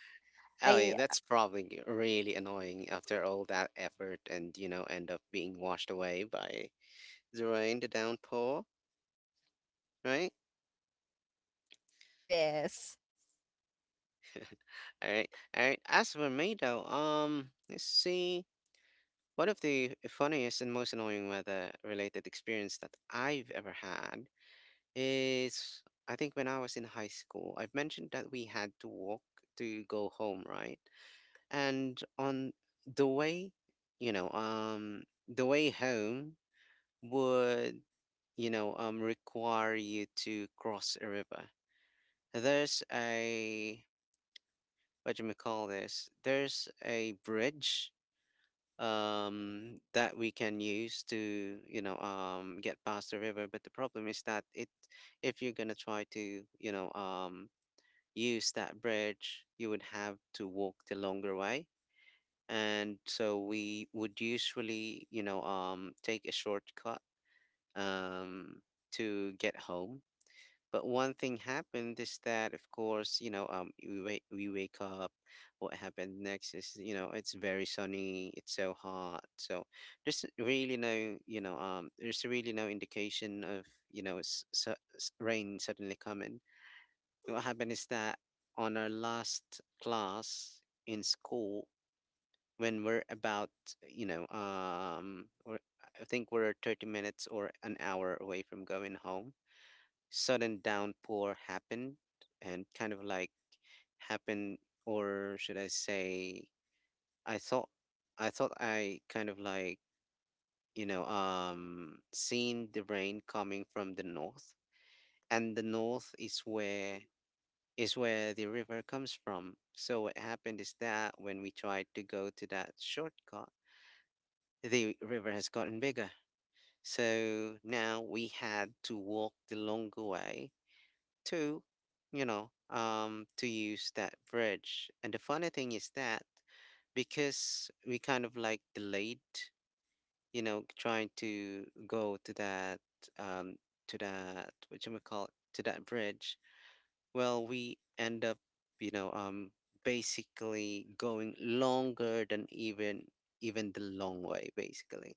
[SPEAKER 1] Oh yeah,
[SPEAKER 2] I
[SPEAKER 1] that's probably really annoying after all that effort and, end up being washed away by the rain, the downpour, right?
[SPEAKER 2] yes,
[SPEAKER 1] All right, all right. As for me though, let's see. One of the funniest and most annoying weather-related experience that I've ever had is, I think, when I was in high school. I've mentioned that we had to walk to go home, right? And on the way, the way home would, require you to cross a river. There's a, what do you call this? There's a bridge that we can use to get past the river, but the problem is that it, if you're going to try to use that bridge, you would have to walk the longer way. And so we would usually take a shortcut um to get home. But one thing happened is that, of course, we wake up. What happened next is, it's very sunny. It's so hot. So there's really no, there's really no indication of, rain suddenly coming. What happened is that on our last class in school, when we're about, or I think we're 30 minutes or an hour away from going home, sudden downpour happened and kind of like happened, or should I say, I thought I thought I kind of like seen the rain coming from the north. And the north is where the river comes from. So what happened is that when we tried to go to that shortcut, the river has gotten bigger, so now we had to walk the longer way to, to use that bridge. And the funny thing is that because we kind of like delayed, trying to go um, to that, what you call it, to that bridge. Well, we end up, you know, um, basically going longer than even the long way, basically.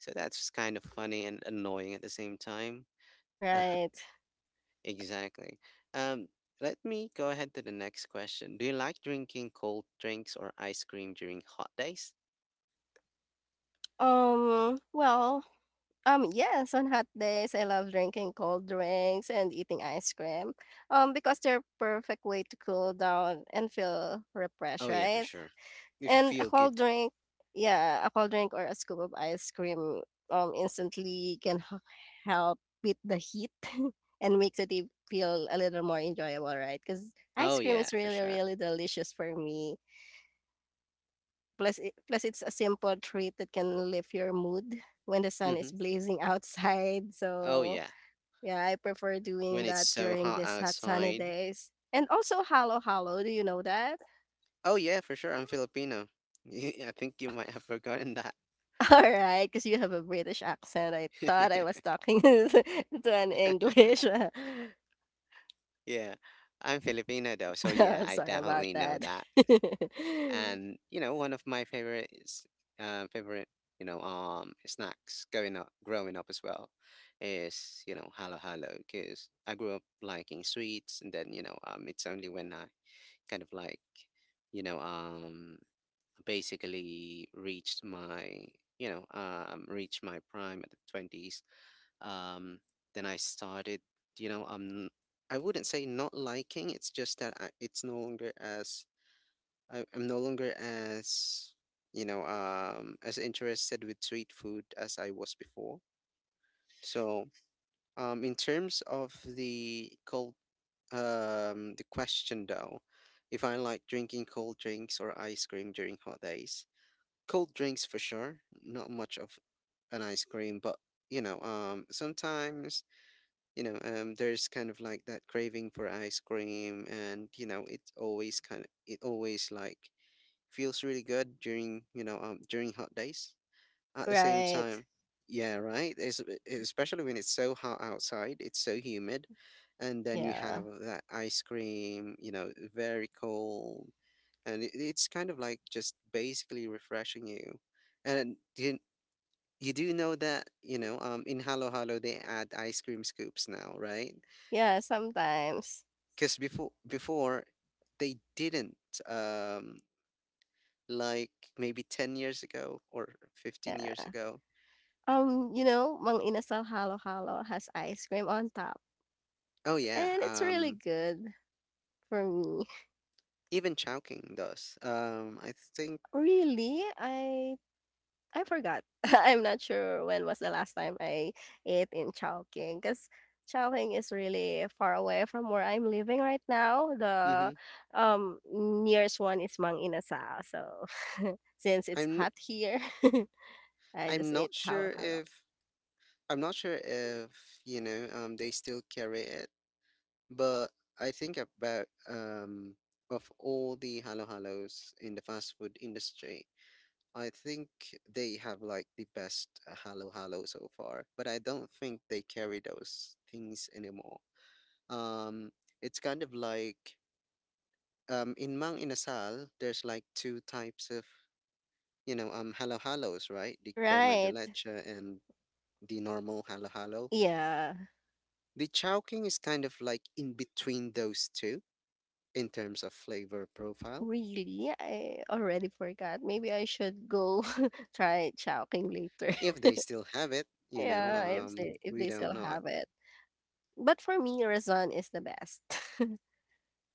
[SPEAKER 1] So that's kind of funny and annoying at the same time.
[SPEAKER 2] right.
[SPEAKER 1] Exactly. Um, Let me go ahead to the next question. Do you like drinking cold drinks or ice cream during hot days?
[SPEAKER 2] Um, well, yes, on hot days, I love drinking cold drinks and eating ice cream. Because they're perfect way to cool down and feel refreshed,
[SPEAKER 1] Oh yeah, for
[SPEAKER 2] right?
[SPEAKER 1] sure. You
[SPEAKER 2] And a
[SPEAKER 1] feel
[SPEAKER 2] cold
[SPEAKER 1] good.
[SPEAKER 2] drink, yeah, a cold drink or a scoop of ice cream, instantly can h help beat the heat and makes it e feel a little more enjoyable, right? Cause ice
[SPEAKER 1] Oh
[SPEAKER 2] cream
[SPEAKER 1] yeah,
[SPEAKER 2] is
[SPEAKER 1] for
[SPEAKER 2] really,
[SPEAKER 1] sure.
[SPEAKER 2] really delicious for me. Plus it's a simple treat that can lift your mood when the sun is
[SPEAKER 1] Mm-hmm.
[SPEAKER 2] blazing outside.
[SPEAKER 1] Oh
[SPEAKER 2] So,
[SPEAKER 1] yeah.
[SPEAKER 2] yeah, I prefer doing
[SPEAKER 1] When it's
[SPEAKER 2] that
[SPEAKER 1] so
[SPEAKER 2] during
[SPEAKER 1] hot
[SPEAKER 2] these hot sunny
[SPEAKER 1] outside.
[SPEAKER 2] days. And also halo-halo, do you know that?
[SPEAKER 1] Oh yeah, for sure. I'm Filipino. I think you might have forgotten that.
[SPEAKER 2] All right, because you have a British accent. I thought I was talking to an English.
[SPEAKER 1] Yeah. I'm Filipino though, so yeah, I
[SPEAKER 2] Sorry about
[SPEAKER 1] definitely know
[SPEAKER 2] that.
[SPEAKER 1] that. And one of my favorite is favorite, snacks going up growing up as well, is halo halo, because I grew up liking sweets. And then it's only when I kind of like you know um basically reached my reached my prime at the 20s, um then I started, you know um I wouldn't say not liking, it's just that it's no longer as, I'm no longer as as interested with street food as I was before. So in terms of the cold, the question though, if I like drinking cold drinks or ice cream during hot days, cold drinks for sure, not much of an ice cream, but sometimes there's kind of like that craving for ice cream, and you know it's always kind of, it always like feels really good during during hot days at the same
[SPEAKER 2] Right.
[SPEAKER 1] time. Yeah, right, especially when it's so hot outside, it's so humid, and then you have
[SPEAKER 2] Yeah.
[SPEAKER 1] that ice cream, you know, very cold, and it's kind of like just basically refreshing you. And you do know that in halo halo they add ice cream scoops now, right?
[SPEAKER 2] Yeah, sometimes.
[SPEAKER 1] Because before they didn't. Um, like maybe 10 years ago or
[SPEAKER 2] Yeah.
[SPEAKER 1] 15 years ago.
[SPEAKER 2] You know, Mang Inasal halo-halo has ice cream on top,
[SPEAKER 1] Oh yeah,
[SPEAKER 2] and it's really
[SPEAKER 1] um,
[SPEAKER 2] good for me.
[SPEAKER 1] even Chowking does. I think,
[SPEAKER 2] Really, I forgot. I'm not sure when was the last time I ate in Chowking because Chowking is really far away from where I'm living right now.
[SPEAKER 1] hmm.
[SPEAKER 2] The nearest one is Mang Inasal. So since it's
[SPEAKER 1] I'm n-
[SPEAKER 2] hot here, I
[SPEAKER 1] I'm
[SPEAKER 2] just ate
[SPEAKER 1] not
[SPEAKER 2] how
[SPEAKER 1] sure
[SPEAKER 2] hello.
[SPEAKER 1] if, I'm not sure if they still carry it, but I think about, of all the halo halos in the fast food industry, I think they have like the best halo halo so far, but I don't think they carry those things anymore. Um, it's kind of like, in Mang Inasal, there's like two types of, halo halos, right? The crema de
[SPEAKER 2] Right.
[SPEAKER 1] leche and the normal halo halo.
[SPEAKER 2] Yeah.
[SPEAKER 1] The Chowking is kind of like in between those two in terms of flavor profile.
[SPEAKER 2] Really? I already forgot. Maybe I should go try Chowking later.
[SPEAKER 1] If they still have it,
[SPEAKER 2] yeah, if
[SPEAKER 1] we
[SPEAKER 2] they
[SPEAKER 1] don't
[SPEAKER 2] still
[SPEAKER 1] know.
[SPEAKER 2] have it. But for me, Rizon is the best.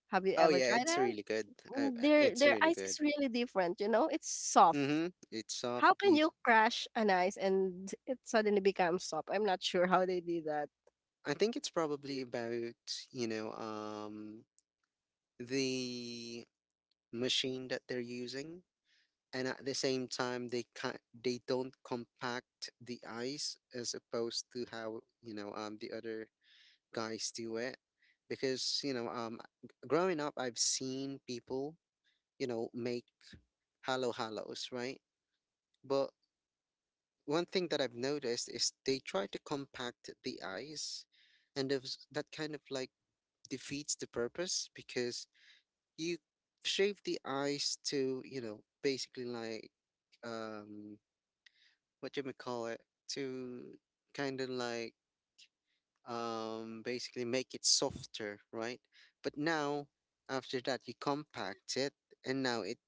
[SPEAKER 2] Have you
[SPEAKER 1] Oh
[SPEAKER 2] ever
[SPEAKER 1] yeah,
[SPEAKER 2] tried
[SPEAKER 1] it's
[SPEAKER 2] that?
[SPEAKER 1] really good. I, I-
[SPEAKER 2] Mm,
[SPEAKER 1] it's
[SPEAKER 2] their
[SPEAKER 1] really
[SPEAKER 2] ice
[SPEAKER 1] good.
[SPEAKER 2] is really different, you know? It's soft.
[SPEAKER 1] Mm-hmm. It's soft.
[SPEAKER 2] How can you crash an ice and it suddenly becomes soft? I'm not sure how they did that.
[SPEAKER 1] I think it's probably about, you know, um, the machine that they're using, and at the same time they can, they don't compact the ice as opposed to how the other guys do it, because growing up I've seen people, you know, make hollow hollows, right? But one thing that I've noticed is they try to compact the ice, and that kind of like defeats the purpose, because you shave the eyes to, you know, basically like, um what you may call it, to kind of like basically make it softer, right? But now after that you compact it, and now it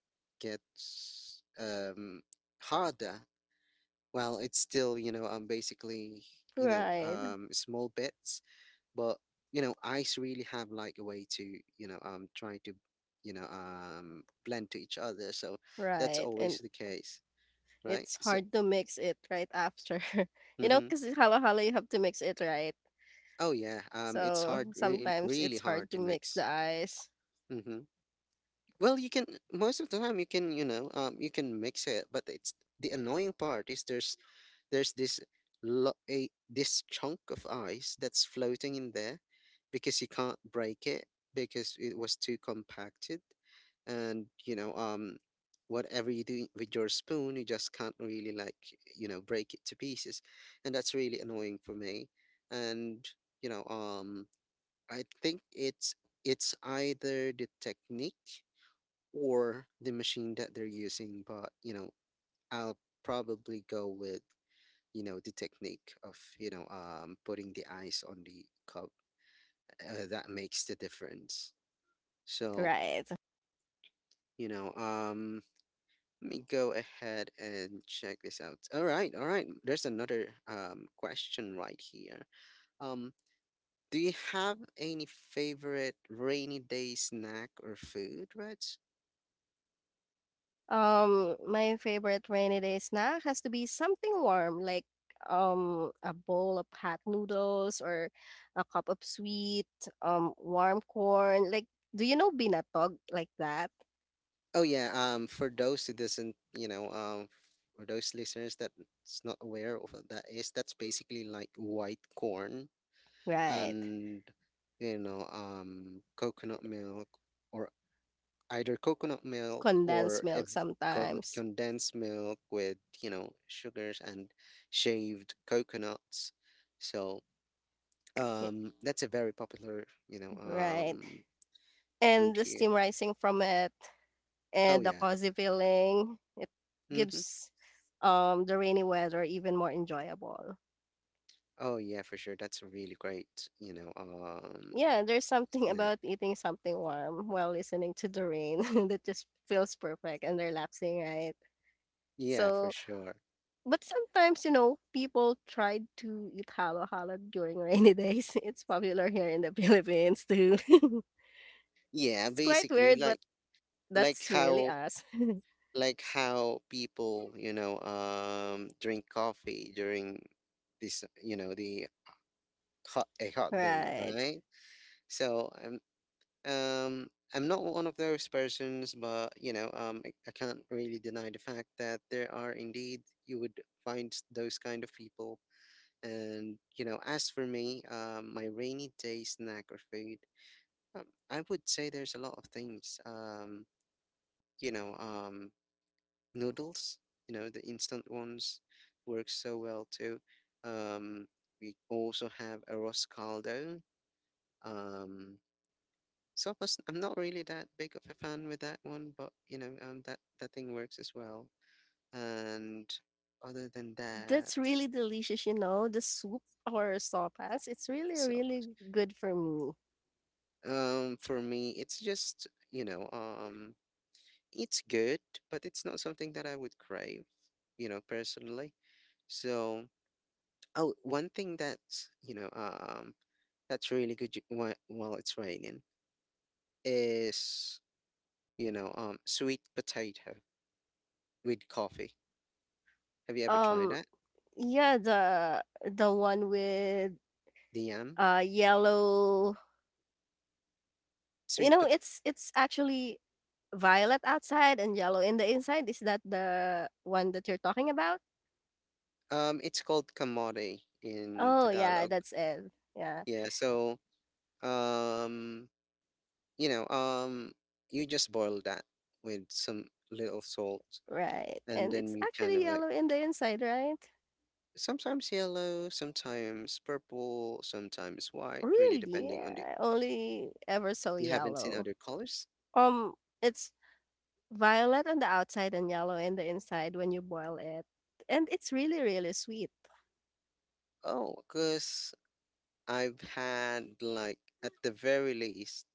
[SPEAKER 1] gets harder. Well, it's still, basically,
[SPEAKER 2] Right.
[SPEAKER 1] small bits, but you know, ice really have like a way to try to blend to each other. So that's
[SPEAKER 2] Right.
[SPEAKER 1] always
[SPEAKER 2] And
[SPEAKER 1] the case, right?
[SPEAKER 2] it's
[SPEAKER 1] So
[SPEAKER 2] hard to mix it right after. You know,
[SPEAKER 1] mm-hmm.
[SPEAKER 2] because halo halo you have to mix it right.
[SPEAKER 1] Oh yeah,
[SPEAKER 2] So sometimes
[SPEAKER 1] really
[SPEAKER 2] it's hard
[SPEAKER 1] hard
[SPEAKER 2] to
[SPEAKER 1] to
[SPEAKER 2] mix the
[SPEAKER 1] mix.
[SPEAKER 2] ice.
[SPEAKER 1] Mm-hmm. Well, you can, most of the time you can, you can mix it, but it's, the annoying part is there's this, lo- a this chunk of ice that's floating in there because you can't break it because it was too compacted, and whatever you do with your spoon, you just can't really like, you know, break it to pieces, and that's really annoying for me. And you know um I think it's either the technique or the machine that they're using, but you know, I'll probably go with, you know, the technique of putting the ice on the cup. That makes the difference. So
[SPEAKER 2] Right.
[SPEAKER 1] you know um let me go ahead and check this out. All right, all right. There's another question right here. Um, do you have any favorite rainy day snack or food, Reg?
[SPEAKER 2] My favorite rainy day snack has to be something warm, like a bowl of hot noodles or a cup of sweet warm corn. Like, do you know binatog like that?
[SPEAKER 1] Oh yeah. For those who doesn't, for those listeners that's not aware of what that is, that's basically like white corn,
[SPEAKER 2] Right.
[SPEAKER 1] and you know, coconut milk, or either coconut milk
[SPEAKER 2] Condensed
[SPEAKER 1] or
[SPEAKER 2] milk sometimes.
[SPEAKER 1] condensed milk with, you know, sugars and shaved coconuts. So
[SPEAKER 2] Yeah,
[SPEAKER 1] that's a very popular,
[SPEAKER 2] right. And
[SPEAKER 1] food
[SPEAKER 2] the
[SPEAKER 1] here.
[SPEAKER 2] steam rising from it
[SPEAKER 1] Oh
[SPEAKER 2] and the
[SPEAKER 1] yeah,
[SPEAKER 2] cozy feeling, it
[SPEAKER 1] mm-hmm.
[SPEAKER 2] gives the rainy weather even more enjoyable.
[SPEAKER 1] Oh yeah, for sure, that's a really great,
[SPEAKER 2] Yeah, there's something
[SPEAKER 1] snack.
[SPEAKER 2] about eating something warm while listening to the rain that just feels perfect and relaxing, right?
[SPEAKER 1] Yeah, for
[SPEAKER 2] So,
[SPEAKER 1] sure.
[SPEAKER 2] but sometimes, you know, people try to eat halo halo during rainy days. It's popular here in the Philippines too.
[SPEAKER 1] Yeah,
[SPEAKER 2] It's quite
[SPEAKER 1] basically
[SPEAKER 2] weird, but
[SPEAKER 1] like, like
[SPEAKER 2] that's really
[SPEAKER 1] how
[SPEAKER 2] us.
[SPEAKER 1] like how people, drink coffee during this, you know, the hot day,
[SPEAKER 2] right.
[SPEAKER 1] right? So I'm, um I'm not one of those persons, but I can't really deny the fact that there are indeed, you would find those kind of people. And you know, as for me, my rainy day snack or food, um, I would say there's a lot of things. You know, um, noodles. You know, the instant ones work so well too. Um, we also have arroz caldo. Um, So plus, I'm not really that big of a fan with that one, but you know, that that thing works as well. And other than that,
[SPEAKER 2] That's really delicious, you know, the soup or sopas. It's really,
[SPEAKER 1] so
[SPEAKER 2] really good for me.
[SPEAKER 1] for me, it's just, it's good, but it's not something that I would crave, you know, personally. So, oh, one thing that's, that's really good while it's raining is, sweet potato with coffee. Have you ever tried
[SPEAKER 2] Um,
[SPEAKER 1] that?
[SPEAKER 2] yeah, the one with
[SPEAKER 1] The yam
[SPEAKER 2] yellow. You
[SPEAKER 1] sweet
[SPEAKER 2] know, it's actually violet outside and yellow in the inside. Is that the one that you're talking about?
[SPEAKER 1] It's called kamote in
[SPEAKER 2] Oh yeah,
[SPEAKER 1] Tagalog.
[SPEAKER 2] that's it. Yeah,
[SPEAKER 1] Yeah, so um, you know, um, you just boil that with some little salt,
[SPEAKER 2] right.
[SPEAKER 1] and
[SPEAKER 2] And it's
[SPEAKER 1] then you kind
[SPEAKER 2] actually
[SPEAKER 1] of like,
[SPEAKER 2] yellow in the inside, right?
[SPEAKER 1] sometimes yellow, sometimes purple, sometimes white, really
[SPEAKER 2] Really?
[SPEAKER 1] depending on the.
[SPEAKER 2] I only ever saw
[SPEAKER 1] You haven't seen
[SPEAKER 2] yellow.
[SPEAKER 1] other colors?
[SPEAKER 2] Um, it's violet on the outside and yellow in the inside when you boil it, and it's really really sweet.
[SPEAKER 1] Oh, because I've had like at the very least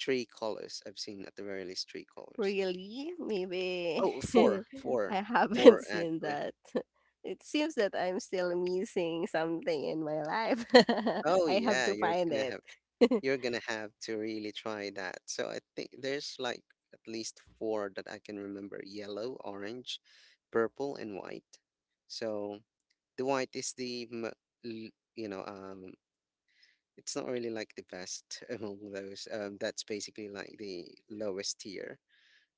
[SPEAKER 1] three colors. I've seen at the very least three colors.
[SPEAKER 2] Really? Maybe
[SPEAKER 1] Oh,
[SPEAKER 2] I haven't
[SPEAKER 1] four
[SPEAKER 2] seen
[SPEAKER 1] actually.
[SPEAKER 2] that. It seems that I'm still missing something in my life.
[SPEAKER 1] Oh
[SPEAKER 2] I have
[SPEAKER 1] yeah,
[SPEAKER 2] to find it.
[SPEAKER 1] you're gonna have to really try that. So I think there's like at least four that I can remember: yellow, orange, purple, and white. So the white is the mo- you know um it's not really like the best among those. That's basically like the lowest tier,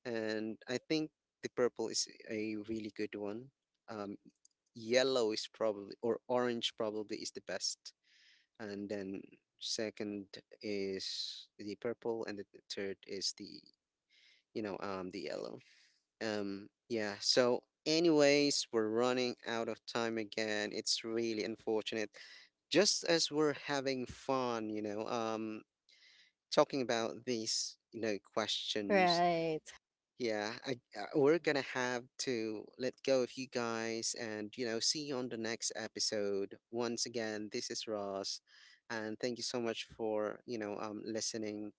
[SPEAKER 1] and I think the purple is a really good one. Um, yellow is probably, or orange probably is the best, and then second is the purple, and the third is the, the yellow. Yeah, so anyways, we're running out of time again. It's really unfortunate. Just as we're having fun, you know, talking about these, you know, questions,
[SPEAKER 2] Right.
[SPEAKER 1] yeah, we're gonna have to let go of you guys and, you know, see you on the next episode. Once again, this is Ross, and thank you so much for, you know, listening.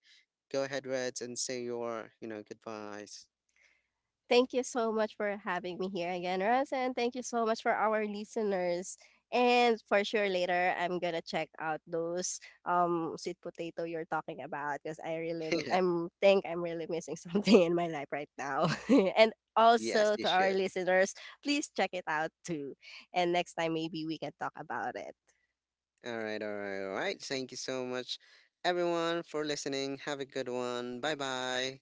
[SPEAKER 1] Go ahead, Reds, and say your, you know, goodbyes.
[SPEAKER 2] Thank you so much for having me here again, Russ, and thank you so much for our listeners. And for sure, later I'm gonna check out those sweet potato you're talking about because I really I I'm think I'm really missing something in my life right now. And
[SPEAKER 1] Yes,
[SPEAKER 2] also
[SPEAKER 1] you
[SPEAKER 2] to our
[SPEAKER 1] should.
[SPEAKER 2] listeners, please check it out too. And next time maybe we can talk about it.
[SPEAKER 1] All right, all right, all right. Thank you so much, everyone, for listening. Have a good one. Bye bye.